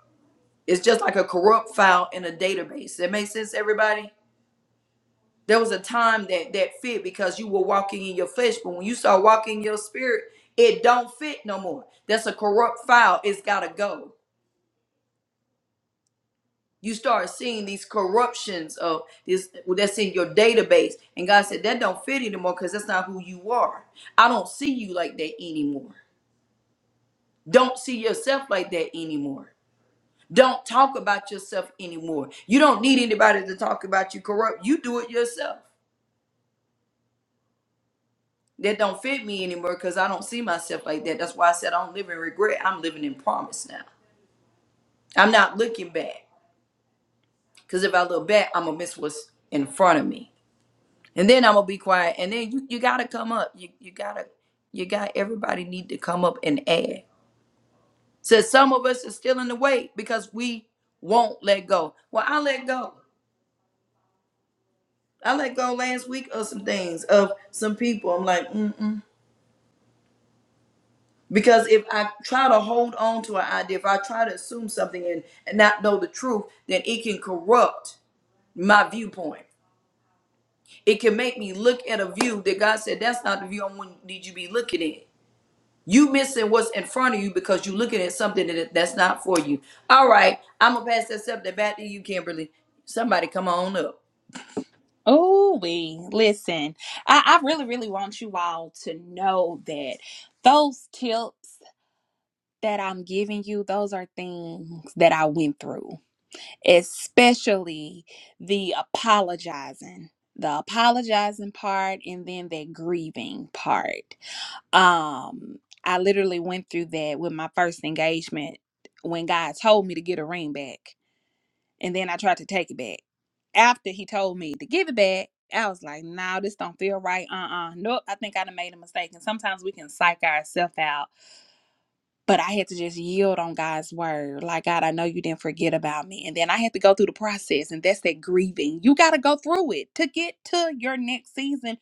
A: It's just like a corrupt file in a database. That makes sense, everybody? There was a time that that fit because you were walking in your flesh, but when you start walking in your spirit, it don't fit no more. That's a corrupt file. It's gotta go. you start seeing these corruptions of this that's in your database and god said that don't fit anymore because that's not who you are i don't see you like that anymore don't see yourself like that anymore don't talk about yourself anymore you don't need anybody to talk about you corrupt you do it yourself that don't fit me anymore because i don't see myself like that that's why i said i don't live in regret i'm living in promise now i'm not looking back because if i look back i'm gonna miss what's in front of me and then I'm gonna be quiet. And then you, you gotta come up. You you gotta you got everybody need to come up and add. So some of us are still in the way because we won't let go. Well, I let go. I let go last week of some things of some people. I'm like, mm mm. because if I try to hold on to an idea, if I try to assume something and, and not know the truth, then it can corrupt my viewpoint. It can make me look at a view that God said that's not the view I want need you to be looking at You missing what's in front of you because you looking at something that that's not for you. All right, I'm gonna pass that subject back to you, Kimberly. Somebody come on up.
B: Oh, we listen. I, I really, really want you all to know that those tips that I'm giving you, those are things that I went through. especially the apologizing the apologizing part and then that grieving part um i literally went through that with my first engagement when god told me to get a ring back and then i tried to take it back after he told me to give it back i was like no nah, this don't feel right uh-uh nope i think i done made a mistake and sometimes we can psych ourselves out but I had to just yield on God's word. Like, God, I know you didn't forget about me. And then I had to go through the process, and that's that grieving. You got to go through it to get to your next season.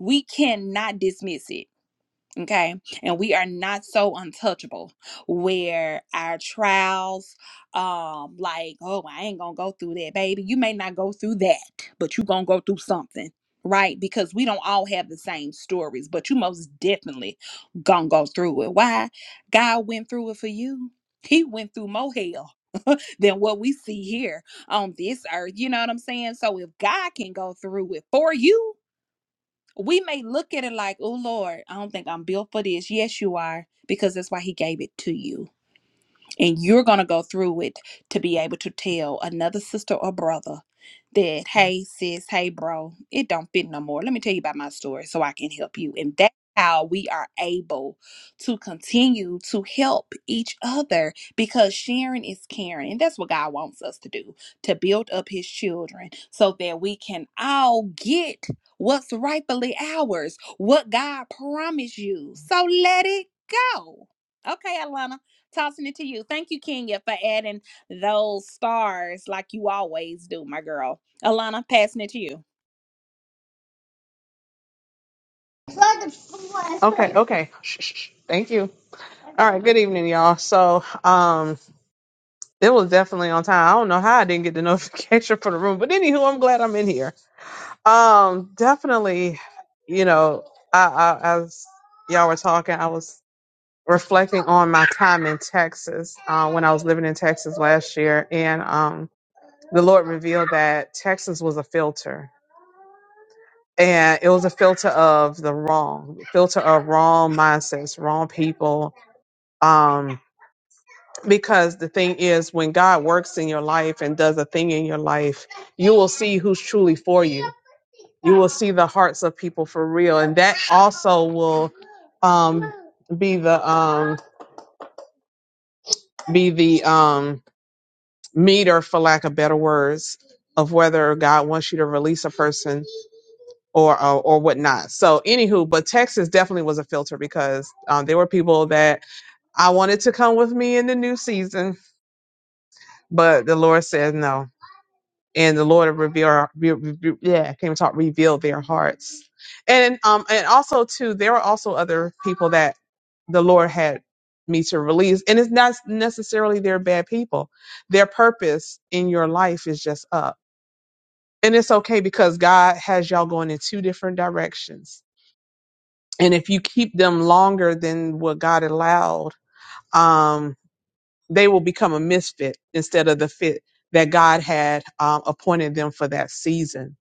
B: We cannot dismiss it Okay. And we are not so untouchable where our trials, um, like, oh, I ain't gonna go through that, baby. You may not go through that, but you gonna go through something, right? Because we don't all have the same stories, but you most definitely gonna go through it. Why? God went through it for you. He went through more hell than what we see here on this earth. You know what I'm saying? So if God can go through it for you, we may look at it like, oh Lord, I don't think I'm built for this. Yes, you are, because that's why He gave it to you. And you're going to go through it to be able to tell another sister or brother that, hey, sis, hey, bro, it don't fit no more. Let me tell you about my story so I can help you. And that's how we are able to continue to help each other because sharing is caring. And that's what God wants us to do to build up his children so that we can all get what's rightfully ours, what God promised you. So let it go. Okay, Alana. Tossing it to you. Thank you, Kenya, for adding those stars like you always do, my girl. Alana, passing it to you.
C: Okay, okay. Shh, shh, shh. Thank you. All right, good evening, y'all. So, um, it was definitely on time. I don't know how I didn't get the notification for the room, but anywho, I'm glad I'm in here. Um, definitely, you know, I, I as y'all were talking, I was reflecting on my time in Texas, uh, when I was living in Texas last year, and um, the Lord revealed that Texas was a filter. And it was a filter of the wrong, filter of wrong mindsets, wrong people, um because the thing is when god works in your life and does a thing in your life you will see who's truly for you you will see the hearts of people for real and that also will um be the um be the um meter for lack of better words of whether god wants you to release a person or or, or whatnot so anywho but texas definitely was a filter because um, there were people that i wanted to come with me in the new season but the lord said no and the Lord will reveal, re- re- yeah, I can't even talk, reveal their hearts. And um, and also too, there were also other people that the Lord had me to release, and it's not necessarily they're bad people. Their purpose in your life is just up, and it's okay because God has y'all going in two different directions. And if you keep them longer than what God allowed, um, they will become a misfit instead of the fit that God had um, appointed them for that season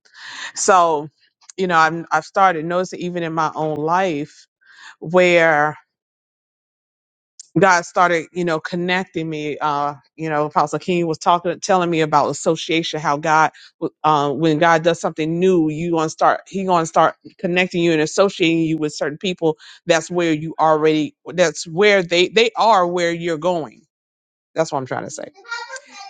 C: so, you know, I'm, I've started noticing even in my own life where God started, you know, connecting me. Uh, you know, Apostle King was talking, telling me about association, how God, uh, when God does something new, you gonna start, He gonna start connecting you and associating you with certain people. That's where you already, that's where they, they are where you're going that's what I'm trying to say.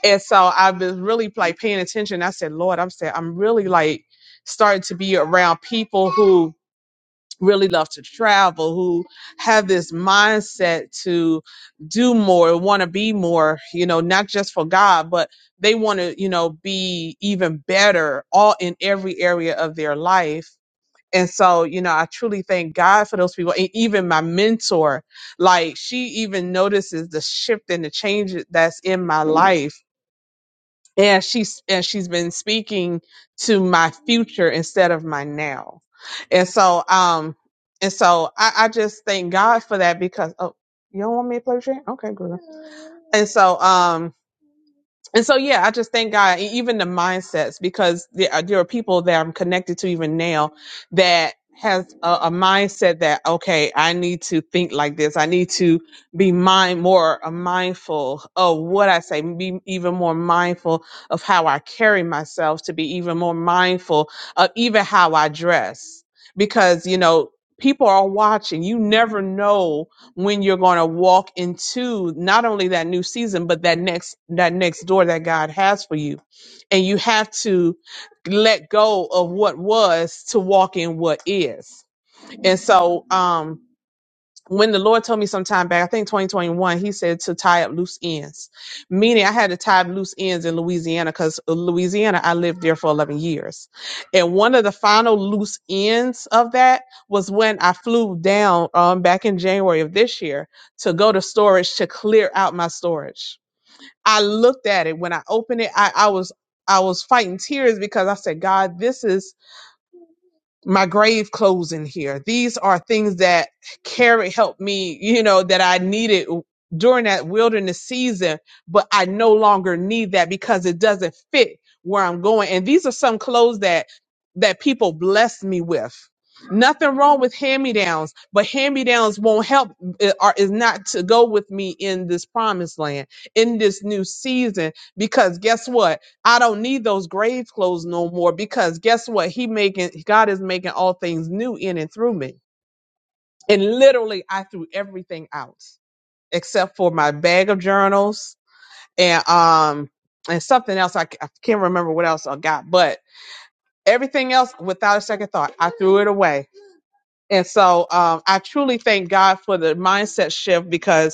C: And so I've been really like paying attention. I said, Lord, I'm saying I'm really like starting to be around people who really love to travel, who have this mindset to do more, want to be more, you know, not just for God, but they want to, you know, be even better all in every area of their life and so, you know, I truly thank God for those people. And even my mentor, like she even notices the shift and the change that's in my life. And she's and she's been speaking to my future instead of my now. And so um and so I, I just thank God for that because oh you don't want me to play with your hand? Okay, girl. And so um and so yeah i just thank god e- even the mindsets because there are, there are people that i'm connected to even now that has a, a mindset that okay i need to think like this i need to be mind more uh, mindful of what i say be even more mindful of how i carry myself to be even more mindful of even how i dress because you know people are watching you never know when you're going to walk into not only that new season but that next that next door that God has for you and you have to let go of what was to walk in what is and so um when the Lord told me some time back, I think 2021, he said to tie up loose ends, meaning I had to tie up loose ends in Louisiana because Louisiana, I lived there for 11 years. And one of the final loose ends of that was when I flew down um, back in January of this year to go to storage to clear out my storage. I looked at it when I opened it, I, I was I was fighting tears because I said, God, this is my grave clothes in here. These are things that carry help me, you know, that I needed during that wilderness season, but I no longer need that because it doesn't fit where I'm going. And these are some clothes that that people bless me with. Nothing wrong with hand-me-downs, but hand-me-downs won't help eh, or is not to go with me in this promised land, in this new season because guess what? I don't need those grave clothes no more because guess what? He making God is making all things new in and through me. And literally I threw everything out except for my bag of journals and um and something else I, c- I can't remember what else I got, but everything else without a second thought, I threw it away. And so um I truly thank God for the mindset shift because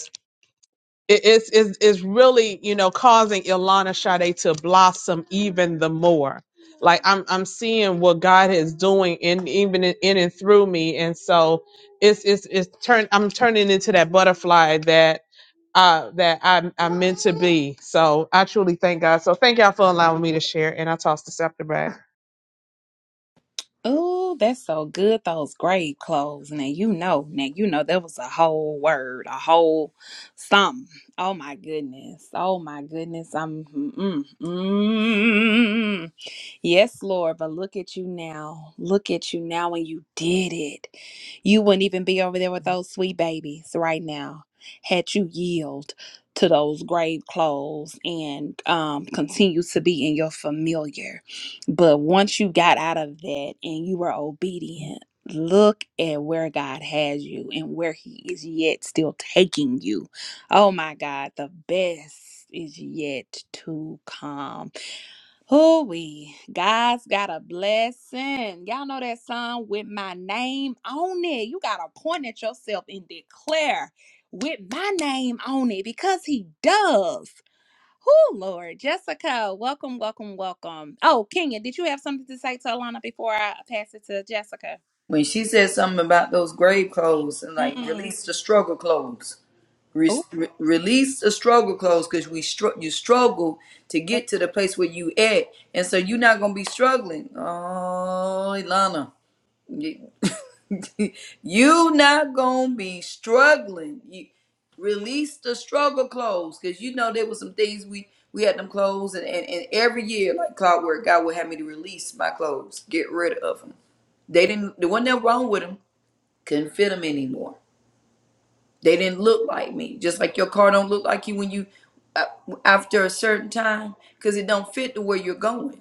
C: it- it's is is really you know causing Ilana Sade to blossom even the more. Like I'm I'm seeing what God is doing in even in, in and through me, and so it's it's it's turn I'm turning into that butterfly that uh that I I'm meant to be. So I truly thank God. So thank y'all for allowing me to share, and I toss the scepter back.
B: Ooh, that's so good. Those grave clothes. Now you know. Now you know that was a whole word, a whole something. Oh my goodness. Oh my goodness. I'm. Mm, mm, mm. Yes, Lord, but look at you now. Look at you now when you did it. You wouldn't even be over there with those sweet babies right now had you yield to those grave clothes and um, continue to be in your familiar. But once you got out of that and you were obedient, look at where God has you and where He is yet still taking you. Oh my God, the best is yet to come. Oh, we God's got a blessing. Y'all know that song with my name on it. You gotta point at yourself and declare with my name on it because he does. Oh Lord, Jessica, welcome, welcome, welcome. Oh, Kenya, did you have something to say to Alana before I pass it to Jessica?
A: When she said something about those grave clothes and like
B: Mm,
A: release the struggle clothes, Re-
B: Oh,
A: re- release the struggle clothes because we str- you struggle to
B: that's
A: get to the place where you at, and so you're not gonna be struggling. Oh, Ilana, you not gonna be struggling. You release the struggle clothes because you know there was some things we we had them clothes and, and and every year like clockwork God would have me to release my clothes, get rid of them. They didn't. There wasn't nothing wrong with them. Couldn't fit them anymore. They didn't look like me. Just like your car don't look like you when you uh, after a certain time because it don't fit to where you're going.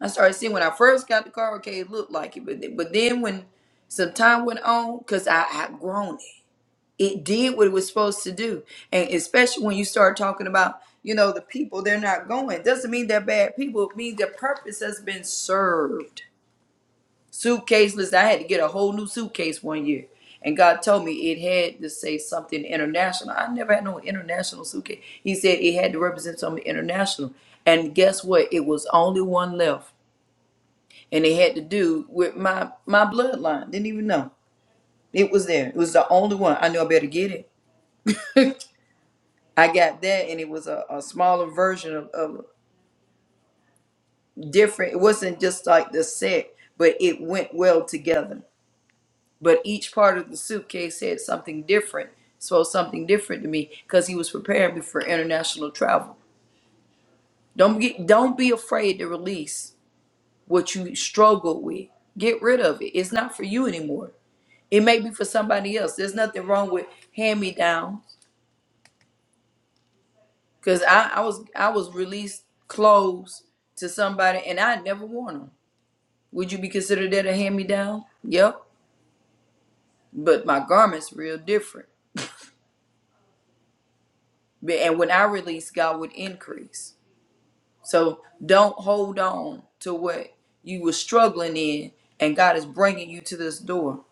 A: I started seeing when I first got the car, okay, it looked like it, but th- but then when some time went on, cause I had grown it. It did what it was supposed to do, and especially when you start talking about, you know, the people they're not going. Doesn't mean they're bad people. It means their purpose has been served. Suitcase list. I had to get a whole new suitcase one year, and God told me it had to say something international. I never had no international suitcase. He said it had to represent something international, and guess what? It was only one left and it had to do with my my bloodline. Didn't even know it was there. It was the only one I knew. I better get it. I got that, and it was a, a smaller version of, of different. It wasn't just like the set, but it went well together. But each part of the suitcase had something different, so something different to me because he was preparing me for international travel. Don't get, don't be afraid to release what you struggle with. Get rid of it. It's not for you anymore. It may be for somebody else. There's nothing wrong with hand me downs. Cause I, I was I was released clothes to somebody and I had never worn them. Would you be considered that a hand me down? Yep. But my garments real different. But- And when I release, God would increase. So don't hold on to what you were struggling in, and God is bringing you to this door.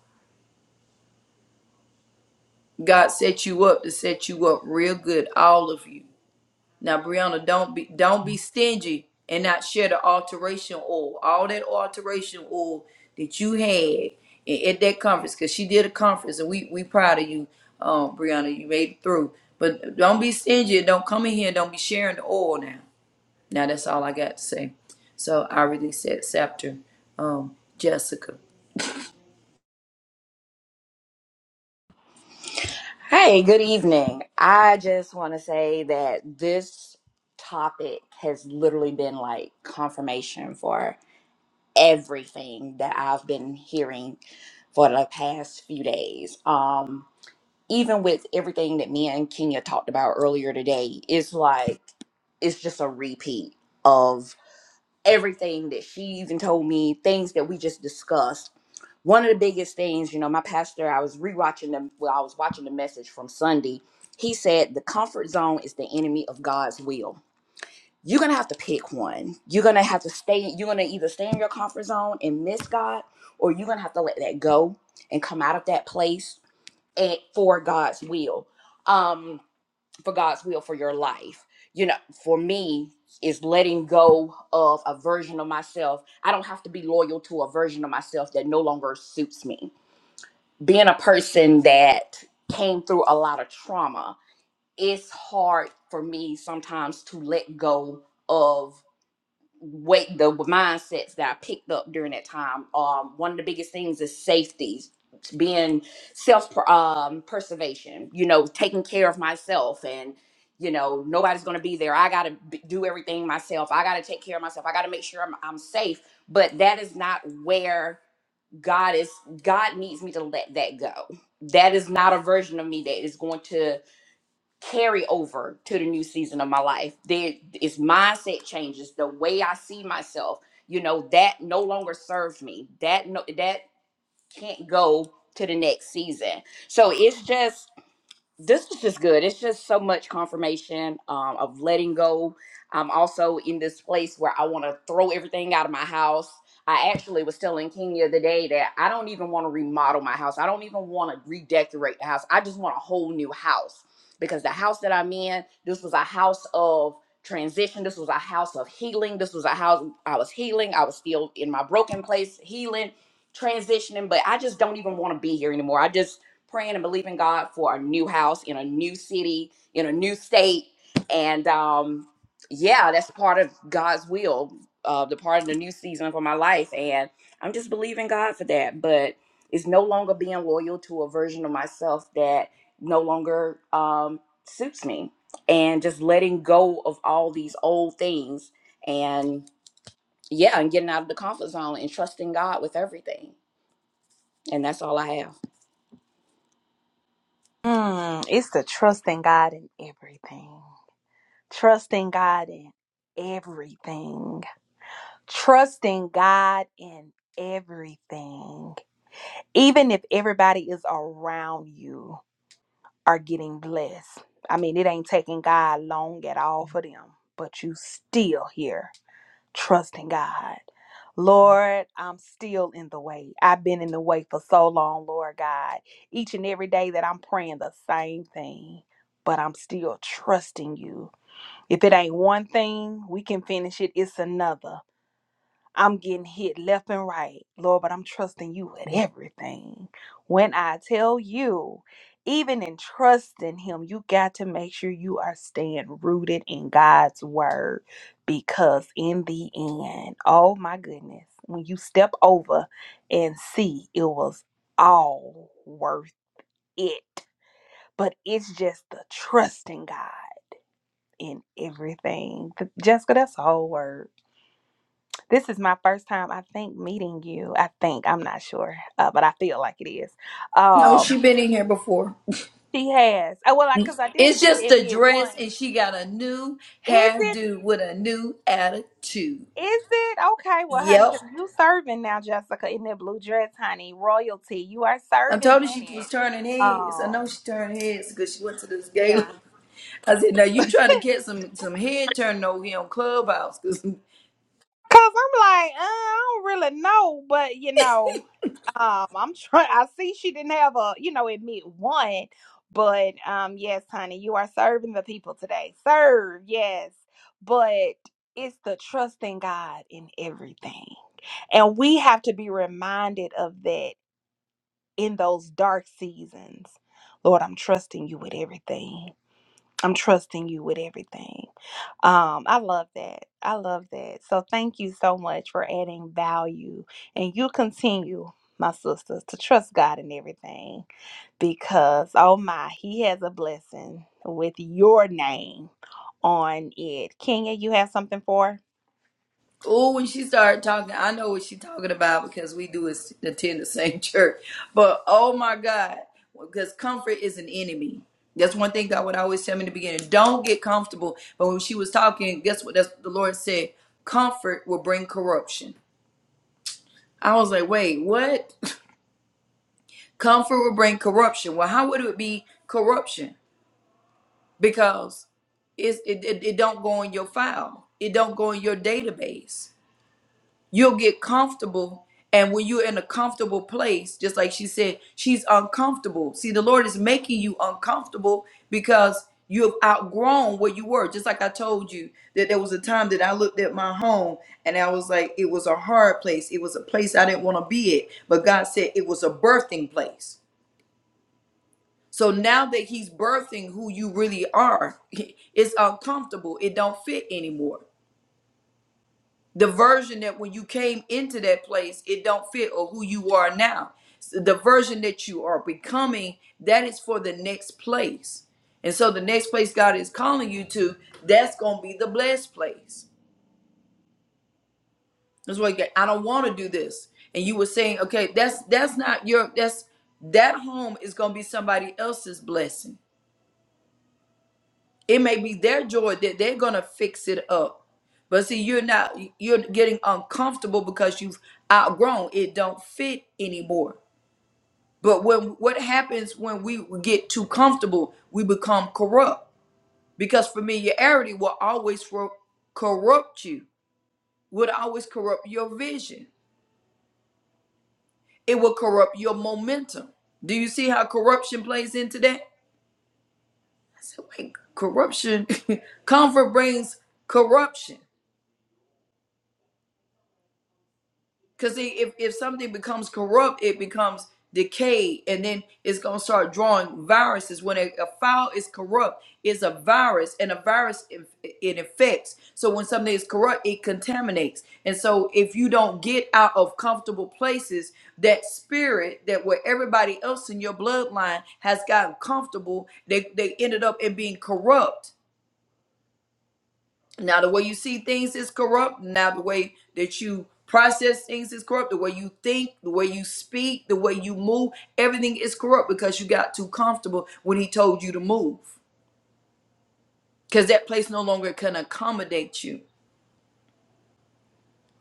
A: God set you up to set you up real good, all of you Now, Brianna, don't be don't be stingy and not share the alteration oil. All that alteration oil that you had i- at that conference, because she did a conference, and we we proud of you, um, Brianna. You made it through. But don't be stingy. and Don't come in here. and Don't be sharing the oil now. Now that's all I got to say. So I release that scepter, um, Jessica.
D: Hey, good evening. I just want to say that this topic has literally been like confirmation for everything that I've been hearing for the past few days. Um, even with everything that me and Kenya talked about earlier today, it's like it's just a repeat of everything that she even told me, things that we just discussed. One of the biggest things, you know, my pastor, I was rewatching them. Well, I was watching the message from Sunday. He said the comfort zone is the enemy of God's will. You're gonna have to pick one. You're gonna have to stay. You're gonna either stay in your comfort zone and miss God, or you're gonna have to let that go and come out of that place and for God's will. Um, for God's will for your life. You know, for me, is letting go of a version of myself. I don't have to be loyal to a version of myself that no longer suits me. Being a person that came through a lot of trauma, it's hard for me sometimes to let go of weight the mindsets that I picked up during that time. Um, one of the biggest things is safety, being self um, preservation. You know, taking care of myself, and you know nobody's gonna be there. I gotta b- do everything myself. I gotta take care of myself. I gotta make sure I'm, I'm safe. But that is not where God is. God needs me to let that go. That is not a version of me that is going to carry over to the new season of my life. There is mindset changes, the way I see myself, you know, that no longer serves me. That no that can't go to the next season. So it's just this was just good. It's just so much confirmation um, of letting go. I'm also in this place where I want to throw everything out of my house. I actually was telling Kenya the day that I don't even want to remodel my house. I don't even want to redecorate the house. I just want a whole new house because the house that I'm in, this was a house of transition. This was a house of healing. This was a house I was healing. I was still in my broken place, healing, transitioning, but I just don't even want to be here anymore. I just praying and believing God for a new house in a new city, in a new state. And um, yeah, that's part of God's will, uh, the part of the new season for my life. And I'm just believing God for that. But it's no longer being loyal to a version of myself that no longer um, suits me and just letting go of all these old things and yeah, and getting out of the comfort zone and trusting God with everything. And that's all I have.
B: mm, it's the trust in God in everything. Trust in God in everything. trusting God in everything, even if everybody is around you are getting blessed. I mean, it ain't taking God long at all for them, but you still here trusting God. Lord, I'm still in the way. I've been in the way for so long, Lord God. Each and every day that I'm praying the same thing, but I'm still trusting you. If it ain't one thing, we can finish it. It's another. I'm getting hit left and right, Lord, but I'm trusting you with everything. When I tell you, even in trusting Him, you got to make sure you are staying rooted in God's word because, in the end, oh my goodness, when you step over and see it was all worth it, but it's just the trusting God in everything. Jessica, that's the whole word. This is my first time, I think, meeting you. I think I'm not sure, uh, but I feel like it is.
A: No,
B: Um,
A: she been in here before.
B: she has. Oh well, because I didn't
A: It's
B: see the
A: just a
B: admit
A: dress, and
B: one.
A: she got a new
B: Is it?
A: hairdo with a new attitude.
B: Is it okay? Well, honey,
A: Yep.
B: because you serving now, Jessica, in that blue dress, honey, royalty. You are
A: I
B: serving
A: told her
B: in
A: she was
B: it.
A: turning heads. I know
B: Um,
A: she turned heads because she went to this gala.
B: yeah.
A: I said, "Now you trying to get some some head turning over here on Clubhouse?" Because
B: Cause I'm like, uh, I don't really know, but you know. Um, I'm trying. I see she didn't have a, you know, admit one, but um, yes, honey, you are serving the people today. Serve, yes, but it's the trust in God in everything, and we have to be reminded of that in those dark seasons. Lord, I'm trusting you with everything. I'm trusting you with everything. Um, I love that. I love that. So thank you so much for adding value. And you continue, my sisters, to trust God in everything because, oh my, He has a blessing with your name on it. Kenya, you have something for?
A: oh, when she started talking, I know what she talking about because we do is attend the same church. But oh my God, because comfort is an enemy. That's one thing God would always tell me in the beginning: don't get comfortable. But when she was talking, guess what? That's what the Lord said: comfort will bring corruption. I was like, wait, what? Comfort will bring corruption. Well, how would it be corruption? because it's, it, it, it don't go in your file it don't go in your database you'll get comfortable and when you're in a comfortable place just like she said she's uncomfortable see the lord is making you uncomfortable because you have outgrown where you were just like i told you that there was a time that i looked at my home and i was like it was a hard place it was a place i didn't want to be at but god said it was a birthing place so now that he's birthing who you really are, it's uncomfortable. It don't fit anymore. The version that when you came into that place, it don't fit or who you are now. So The version that you are becoming, that is for the next place. And so the next place God is calling you to, that's gonna be the blessed place. That's why you get, I don't want to do this. And you were saying, okay, that's that's not your that's that home is gonna be somebody else's blessing It may be their joy that they're gonna fix it up. But see, you're not you're getting uncomfortable because you've outgrown. It don't fit anymore. But when what happens when we get too comfortable, we become corrupt. Because familiarity will always ro- corrupt you, would always corrupt your vision. It will corrupt your momentum. Do you see how corruption plays into that? I said, wait, corruption. Comfort brings corruption. Because if, if something becomes corrupt, it becomes decayed, and then it's going to start drawing viruses. When a, a file is corrupt, it's a virus, and a virus, inf- it infects. So when something is corrupt, it contaminates. And so if you don't get out of comfortable places, that spirit that where everybody else in your bloodline has gotten comfortable, they, they ended up in being corrupt now, the way you see things is corrupt. Now, the way that you process things is corrupt. The way you think, the way you speak, the way you move, everything is corrupt because you got too comfortable when he told you to move because that place no longer can accommodate you.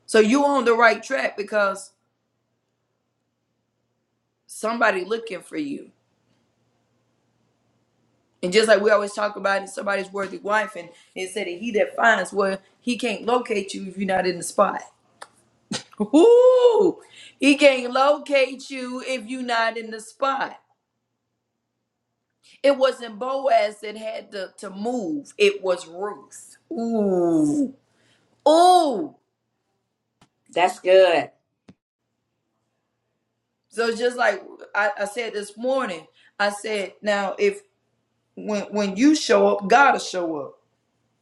A: So, you on the right track because somebody looking for you. And just like we always talk about it, somebody's worthy wife, and it said that he that finds, well, he can't locate you if you're not in the spot. Ooh, he can't locate you if you're not in the spot. It wasn't Boaz that had to, to move. It was Ruth. Ooh. Ooh.
D: That's good.
A: So it's just like I, I said this morning, I said, now if when when you show up, God'll show up.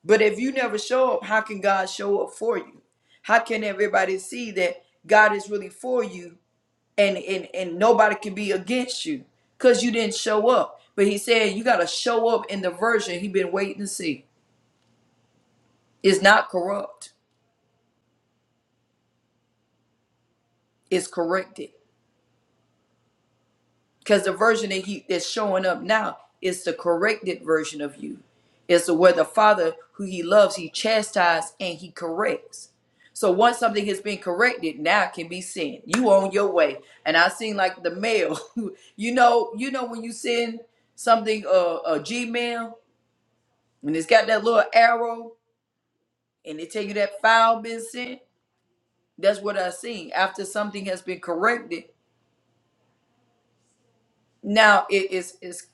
A: But if you never show up, how can God show up for you? How can everybody see that God is really for you and and, and nobody can be against you because you didn't show up? But he said you gotta show up in the version he been waiting to see. It's not corrupt, it's corrected because the version that he that's showing up now is the corrected version of you. It's the where the father who he loves, he chastises and he corrects. So once something has been corrected, now it can be sin. You on your way. And I seen like the mail. you know, you know when you send something uh a Gmail and it's got that little arrow and they tell you that file been sent. That's what I seen. After something has been corrected, now it is is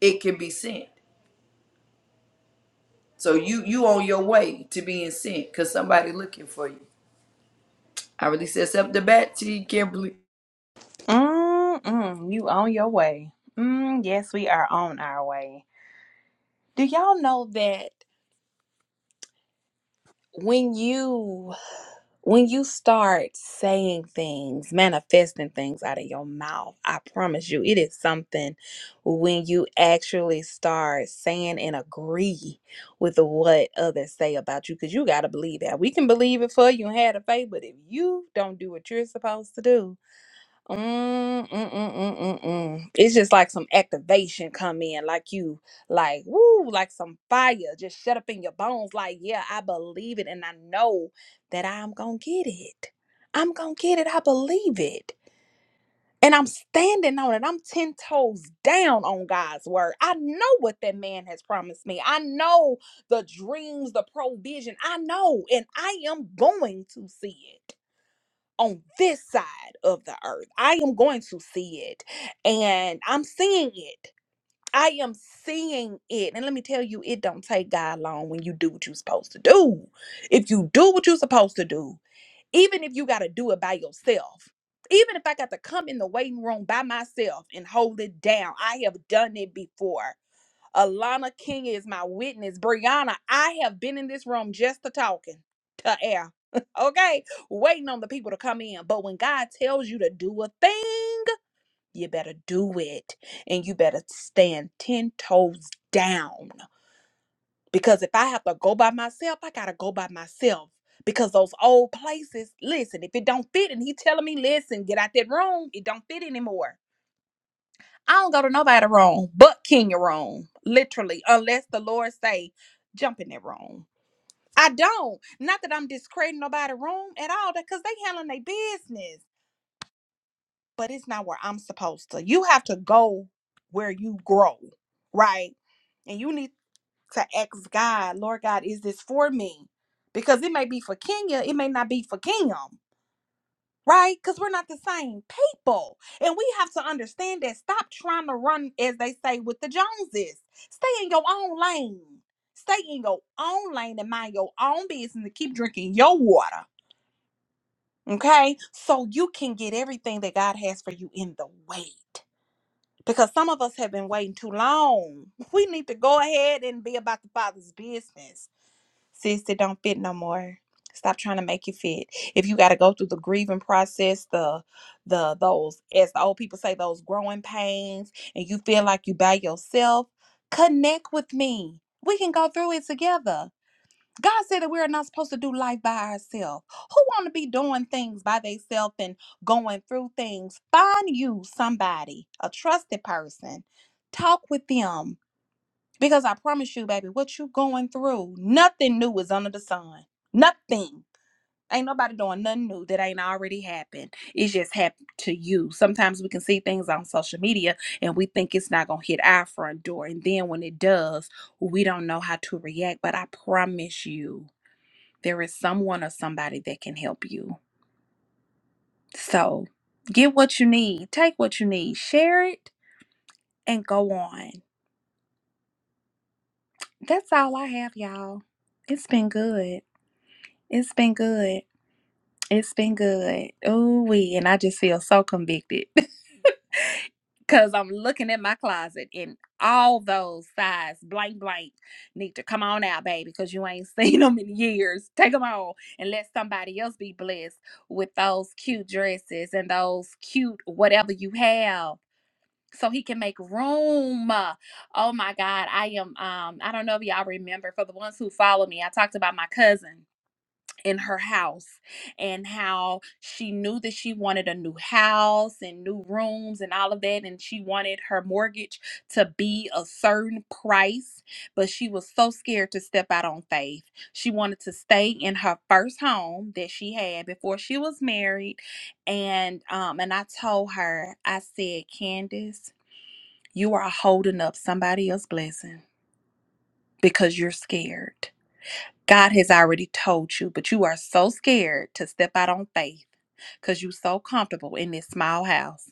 A: it can be sent. So you you on your way to being sent because somebody looking for you. I release this up the bat to you, Kimberly.
B: Mm-mm, you on your way. Mm, yes, we are on our way. Do y'all know that when you when you start saying things, manifesting things out of your mouth, I promise you, it is something when you actually start saying and agree with what others say about you, because you got to believe that. We can believe it for you and have the faith, but if you don't do what you're supposed to do, Mm, mm, mm, mm, mm, mm. It's just like some activation come in, like you, like woo, like some fire just shut up in your bones. Like, yeah, I believe it, and I know that I'm gonna get it. I'm gonna get it. I believe it, and I'm standing on it. I'm ten toes down on God's word. I know what that man has promised me. I know the dreams, the provision. I know, and I am going to see it on this side of the earth. I am going to see it. And I'm seeing it. I am seeing it. And let me tell you, it don't take God long when you do what you're supposed to do. If you do what you're supposed to do, even if you got to do it by yourself, even if I got to come in the waiting room by myself and hold it down, I have done it before. Alana King is my witness. Brianna, I have been in this room just to talking to air. okay. Waiting on the people to come in. But when God tells you to do a thing, you better do it. And you better stand 10 toes down. Because if I have to go by myself, I gotta go by myself. Because those old places, listen, if it don't fit and he telling me, listen, get out that room, it don't fit anymore I don't go to nobody wrong but Kenya wrong, literally, unless the Lord say, jump in that wrong. I don't. Not that I'm discrediting nobody wrong at all, because they handling their business. But it's not where I'm supposed to. You have to go where you grow, right? And you need to ask God, Lord God, is this for me? Because it may be for Kenya, it may not be for Kingdom right? Because we're not the same people. And we have to understand that stop trying to run, as they say, with the Joneses. Stay in your own lane. Stay in your own lane and mind your own business and keep drinking your water, okay? So you can get everything that God has for you in the wait. Because some of us have been waiting too long. We need to go ahead and be about the Father's business. Sis, it don't fit no more. Stop trying to make it fit. If you gotta go through the grieving process, the the those as the old people say, those growing pains, and you feel like you by yourself, connect with me. We can go through it together. God said that we are not supposed to do life by ourselves. Who want to be doing things by themselves and going through things? Find you somebody, a trusted person. Talk with them because I promise you, baby, what you going through, nothing new is under the sun. Nothing. Ain't nobody doing nothing new that ain't already happened. It just happened to you. Sometimes we can see things on social media and we think it's not going to hit our front door. And then when it does, we don't know how to react. But I promise you, there is someone or somebody that can help you. So get what you need, take what you need, share it, and go on. That's all I have, y'all. It's been good. It's been good. It's been good. Oh, we and I just feel so convicted because I'm looking at my closet and all those size blank blank need to come on out, baby, because you ain't seen them in years. Take them all and let somebody else be blessed with those cute dresses and those cute whatever you have. So he can make room. Uh, Oh my God. I am um I don't know if y'all remember for the ones who follow me, I talked about my cousin in her house and how she knew that she wanted a new house and new rooms and all of that and she wanted her mortgage to be a certain price but she was so scared to step out on faith she wanted to stay in her first home that she had before she was married and um and i told her i said candace you are holding up somebody else's blessing because you're scared God has already told you, but you are so scared to step out on faith because you're so comfortable in this small house.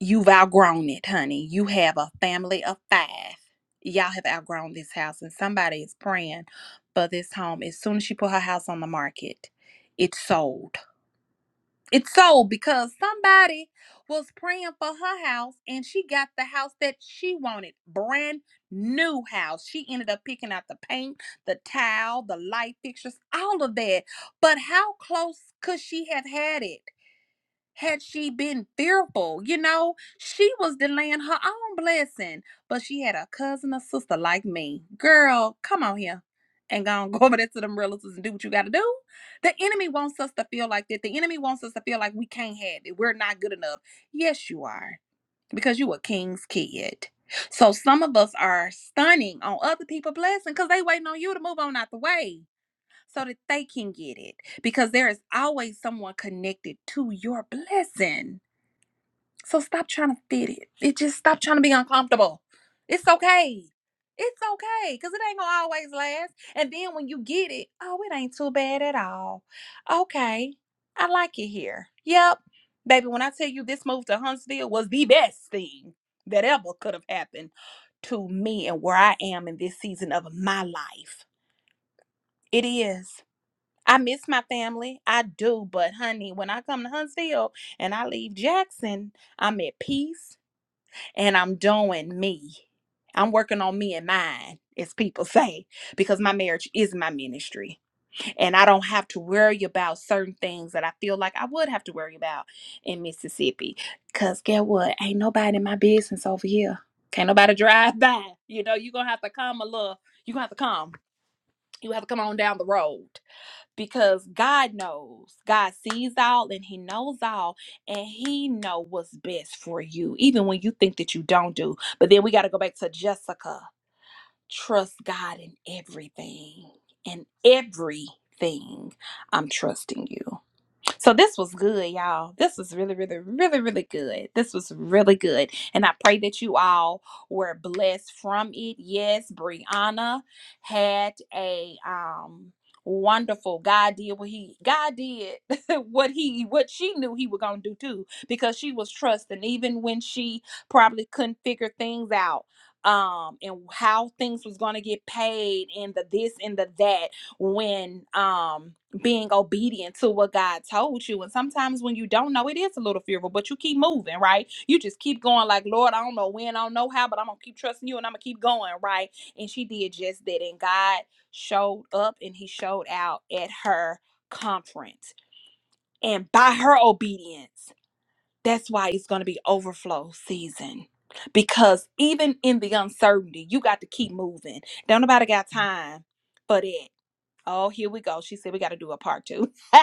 B: You've outgrown it, honey. You have a family of five. Y'all have outgrown this house, and somebody is praying for this home. As soon as she put her house on the market, it sold. It's sold because somebody was praying for her house and she got the house that she wanted. Brand new house. She ended up picking out the paint, the tile, the light fixtures, all of that. But how close could she have had it? had she been fearful, you know, she was delaying her own blessing. But she had a cousin or sister like me. Girl, come on here. And go on, go over there to them relatives and do what you gotta do. The enemy wants us to feel like that. The enemy wants us to feel like we can't have it. We're not good enough. Yes, you are. Because you a king's kid. So some of us are stunning on other people' blessing because they waiting on you to move on out the way so that they can get it because there is always someone connected to your blessing. So stop trying to fit it. It just stop trying to be uncomfortable. It's okay. It's okay because it ain't gonna always last. And then when you get it, oh, it ain't too bad at all. Okay, I like it here. Yep, baby. When I tell you this move to Huntsville was the best thing that ever could have happened to me and where I am in this season of my life, it is. I miss my family. I do. But honey, when I come to Huntsville and I leave Jackson, I'm at peace and I'm doing me. I'm working on me and mine, as people say, because my marriage is my ministry. And I don't have to worry about certain things that I feel like I would have to worry about in Mississippi. Because get what? Ain't nobody in my business over here. Can't nobody drive by. You know, you're going to have to come a little. You're going to have to come. You have to come on down the road because God knows. God sees all and he knows all and he know what's best for you even when you think that you don't do. But then we got to go back to Jessica. Trust God in everything. In everything. I'm trusting you. So this was good, y'all. This was really, really, really, really good. This was really good. And I pray that you all were blessed from it. Yes, Brianna had a um wonderful God did what he God did what he what she knew he was gonna do too because she was trusting even when she probably couldn't figure things out um and how things was gonna get paid and the this and the that when um being obedient to what God told you. And sometimes when you don't know, it is a little fearful, but you keep moving, right? You just keep going, like, Lord, I don't know when, I don't know how, but I'm gonna keep trusting you and I'm gonna keep going, right? And she did just that. And God showed up and he showed out at her conference. And by her obedience, that's why it's gonna be overflow season. Because even in the uncertainty, you got to keep moving. Don't nobody got time for that. Oh, here we go. She said we got to do a part two.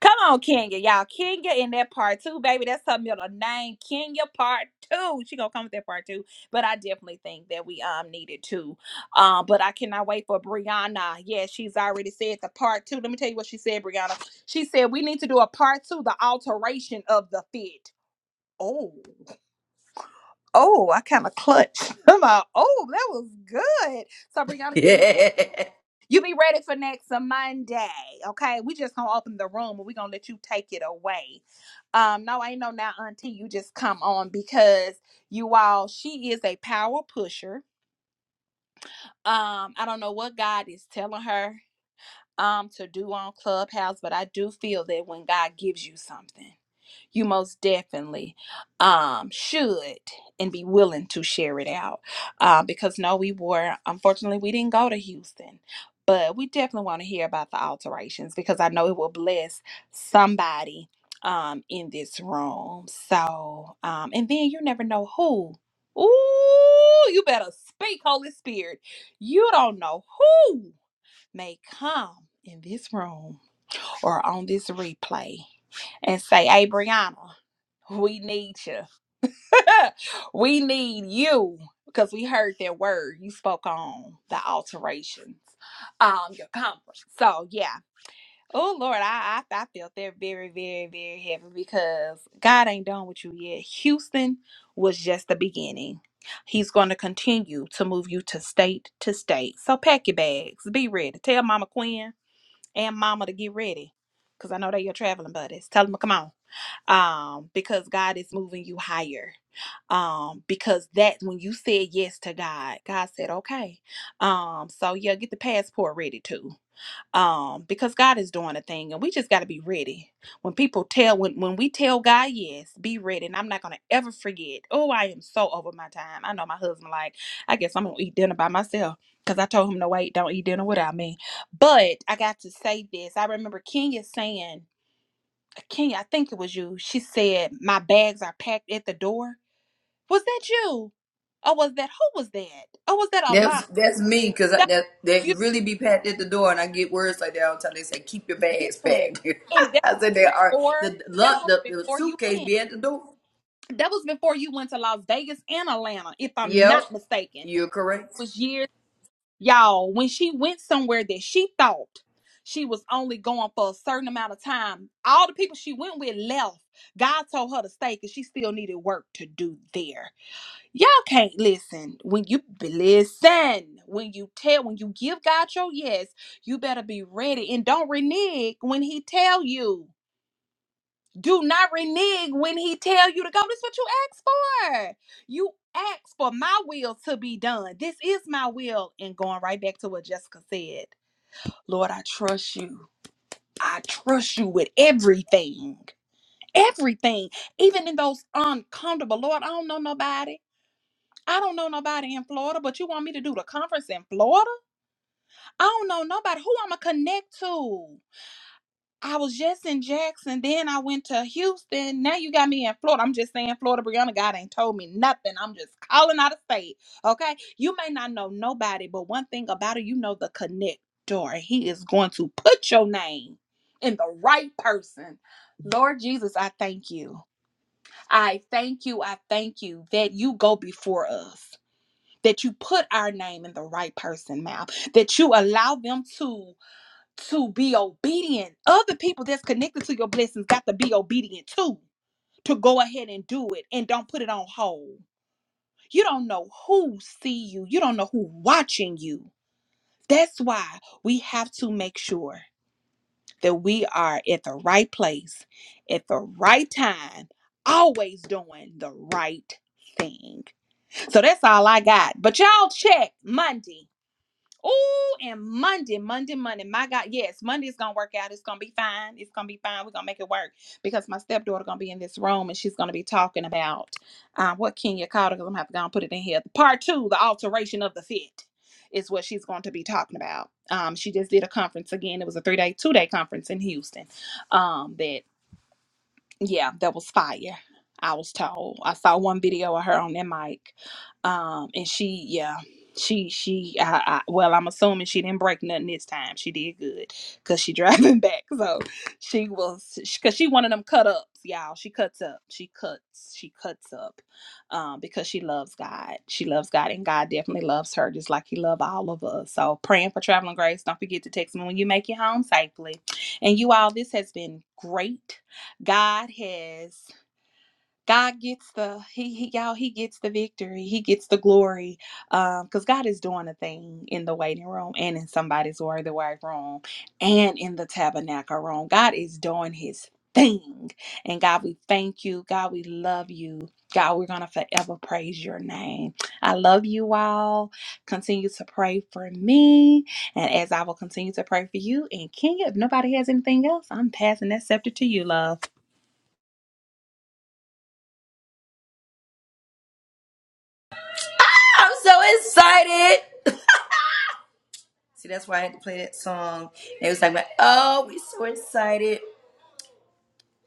B: Come on, Kenya, y'all. Kenya in that part two, baby. That's her middle name, Kenya part two. She gonna come with that part two. But I definitely think that we um needed to. Um, but I cannot wait for Brianna. Yeah, she's already said the part two. Let me tell you what she said, Brianna. She said we need to do a part two, the alteration of the fit. Oh, oh, I kind of clutched. I'm like, oh, that was good. So Brianna, you be you be ready for next Monday, okay? We just gonna open the room and we gonna let you take it away. Um, no, I ain't no now, Auntie. You just come on because you all, she is a power pusher. Um, I don't know what God is telling her um to do on Clubhouse, but I do feel that when God gives you something you most definitely um, should and be willing to share it out. Uh, because no, we were, unfortunately, we didn't go to Houston, but we definitely want to hear about the alterations because I know it will bless somebody um, in this room. So, um, and then you never know who. Ooh, you better speak, Holy Spirit. You don't know who may come in this room or on this replay and say, Hey, Brianna. We need you. we need you because we heard that word you spoke on the alterations, um, your conference. So yeah. Oh Lord, I, I I felt that very very very heavy because God ain't done with you yet. Houston was just the beginning. He's going to continue to move you to state to state. So pack your bags, be ready. Tell Mama Quinn and Mama to get ready because I know they your traveling buddies. Tell them to come on um, because God is moving you higher. Um, because that when you said yes to God, God said, okay. Um, so yeah, get the passport ready too. Um, because God is doing a thing and we just got to be ready. When people tell, when, when we tell God, yes, be ready. And I'm not going to ever forget. Oh, I am so over my time. I know my husband, like, I guess I'm going to eat dinner by myself. Cause I told him no wait, don't eat dinner without me. But I got to say this. I remember Kenya saying Kenya, I think it was you. She said, My bags are packed at the door. Was that you? Or was that who was that? Or was that
A: Yeah. That's
B: Allah?
A: that's me because
B: That
A: that
B: was
A: they
B: you
A: really be packed at the door and I get words like that all the time. They say keep your bags
B: yes.
A: packed.
B: And that
A: I said they are
B: or
A: the
B: that
A: lug-
B: was
A: the, the
B: before you
A: suitcase
B: went.
A: be at the door.
B: That was before you went to Las Vegas and Atlanta, if I'm
A: Yep,
B: not mistaken.
A: you're correct.
B: Was years y'all, when she went somewhere that she thought she was only going for a certain amount of time, all the people she went with left. God told her to stay because she still needed work to do there Y'all can't listen. When you listen, when you tell, when you give God your yes, you better be ready and don't renege when He tell you. Do not renege when He tell you to go. This what you asked for. You asked for my will to be done. This is my will. And going right back to what Jessica said, Lord, I trust you. I trust you with everything, everything, even in those uncomfortable. Lord, I don't know nobody. I don't know nobody in Florida, but you want me to do the conference in Florida? I don't know nobody who I'ma connect to. I was just in Jackson, then I went to Houston. Now you got me in Florida. I'm just saying, Florida, Brianna, God ain't told me nothing. I'm just calling out of state. Okay, you may not know nobody, but one thing about it, you know the connector. He is going to put your name in the right person. Lord Jesus, I thank you. I thank you. I thank you that you go before us that you put our name in the right person's mouth that you allow them to to be obedient other people that's connected to your blessings got to be obedient too to go ahead and do it and don't put it on hold you don't know who see you you don't know who watching you that's why we have to make sure that we are at the right place at the right time always doing the right thing so that's all i got but y'all check monday Oh, and Monday, Monday, Monday. My God, yes, Monday's gonna work out. It's gonna be fine. It's gonna be fine. We're gonna make it work because my stepdaughter gonna be in this room and she's gonna be talking about uh, what Kenya called her. Cause I'm gonna have to go and put it in here. Part two, the alteration of the fit, is what she's going to be talking about. Um, she just did a conference again. It was a three day, two day conference in Houston. Um, that yeah, that was fire. I was told. I saw one video of her on that mic, um, and she, yeah, she, she. I, I, well, I'm assuming she didn't break nothing this time. She did good, cause she driving back. So she was, cause she one of them cut ups, y'all. She cuts up. She cuts. She cuts up, um, because she loves God. She loves God, and God definitely loves her, just like He loves all of us. So praying for traveling grace. Don't forget to text me when you make it home safely. And you all, this has been great. God has God gets the he, he y'all he gets the victory he gets the glory um because God is doing a thing in the waiting room and in somebody's word the wife room and in the tabernacle room God is doing his thing and God we thank you God we love you God we're gonna forever praise your name I love you all continue to pray for me and as I will continue to pray for you and Kenya, if nobody has anything else I'm passing that scepter to you love
A: I'm so excited. See, that's why I had to play that song. And it was like, oh, we so excited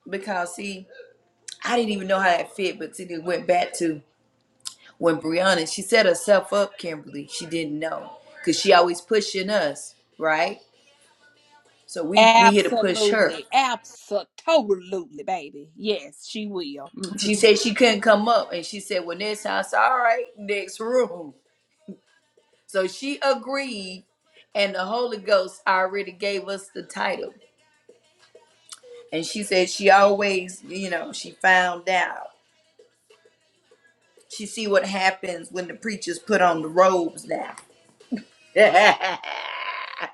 A: because see, I didn't even know how that fit, but see, it went back to. when Brianna, she set herself up, Kimberly. She didn't know because she always pushing us, right? So we we here to push her.
B: Absolutely. Absolutely, Totally, baby. Yes, she will. Mhm.
A: She said she couldn't come up, and she said, "Well, next time, I said, all right, next room." So she agreed, and the Holy Ghost already gave us the title. And she said she always, you know, she found out. She see what happens when the preachers put on the robes now. uh-uh,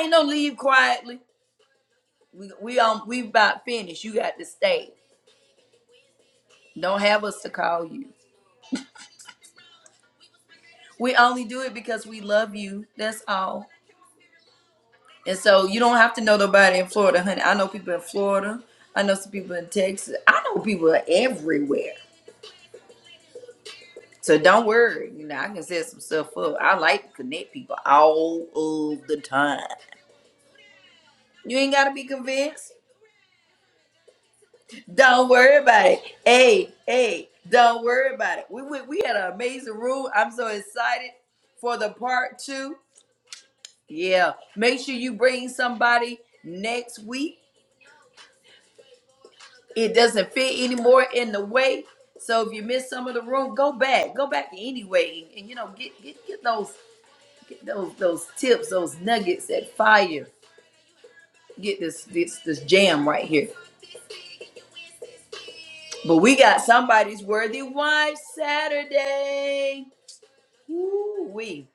A: ain't no leave quietly. We we um we about finished. You got to stay. Don't have us to call you. We only do it because we love you. That's all. And so you don't have to know nobody in Florida, honey. I know people in Florida. I know some people in Texas. I know people everywhere. So don't worry. You know, I can set some stuff up. I like to connect people all of the time. You ain't gotta be convinced. Don't worry about it. Hey, hey, don't worry about it. We went, we had an amazing room. I'm so excited for the part two. Yeah. Make sure you bring somebody next week. It doesn't fit anymore in the way. So if you miss some of the room, go back. Go back anyway. And, and, you know, get get get those get those those tips, those nuggets that fire. Get this this this jam right here. But we got somebody's worthy wife Saturday. Ooh, we.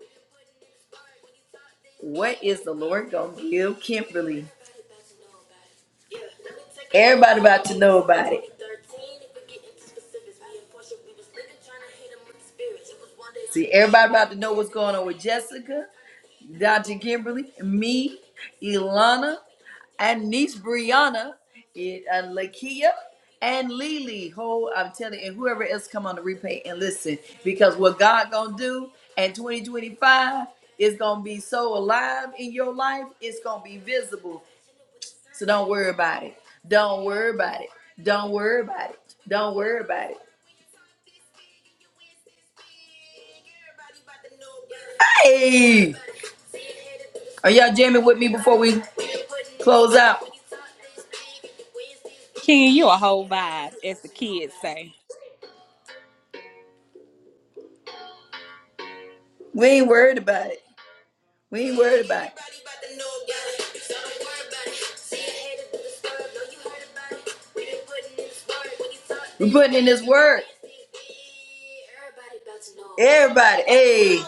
A: What is the Lord gonna give Kimberly? Everybody about to know about it. See, everybody about to know what's going on with Jessica, Dr. Kimberly, me, Ilana, and niece Brianna, it, uh, Lakia, and Lily. Ho, I'm telling you, and whoever else come on the replay and listen, because what God gonna do in 2025 is gonna be so alive in your life, it's gonna be visible. So don't worry about it. Don't worry about it. Don't worry about it. Don't worry about it. Hey, are y'all jamming with me before we close out?
B: Ken, you a whole vibe, as the kids say.
A: We ain't worried about it. We ain't worried about it. We're putting in this word. Everybody, hey.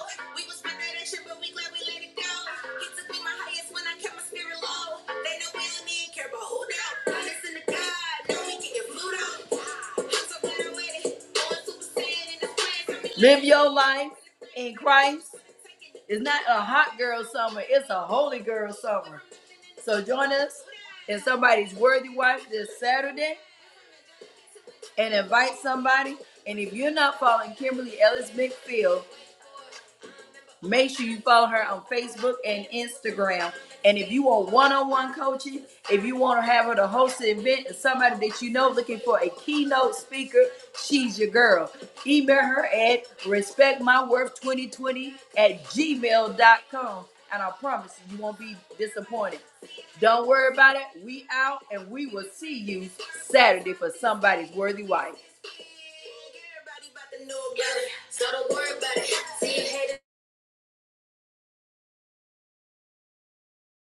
A: Live your life in Christ. It's not a hot girl summer, it's a holy girl summer. So join us in somebody's worthy wife this Saturday and invite somebody. And if you're not following Kimberly Ellis McPhill Make sure you follow her on Facebook and Instagram. And if you want one-on-one coaching, if you want to have her to host an event, and somebody that you know looking for a keynote speaker, she's your girl. Email her at respectmyworth2020 at gmail dot com, And I promise you, you won't be disappointed. Don't worry about it. We out, and we will see you Saturday for somebody's worthy wife. Everybody about to know about it, so don't worry about it. See you later.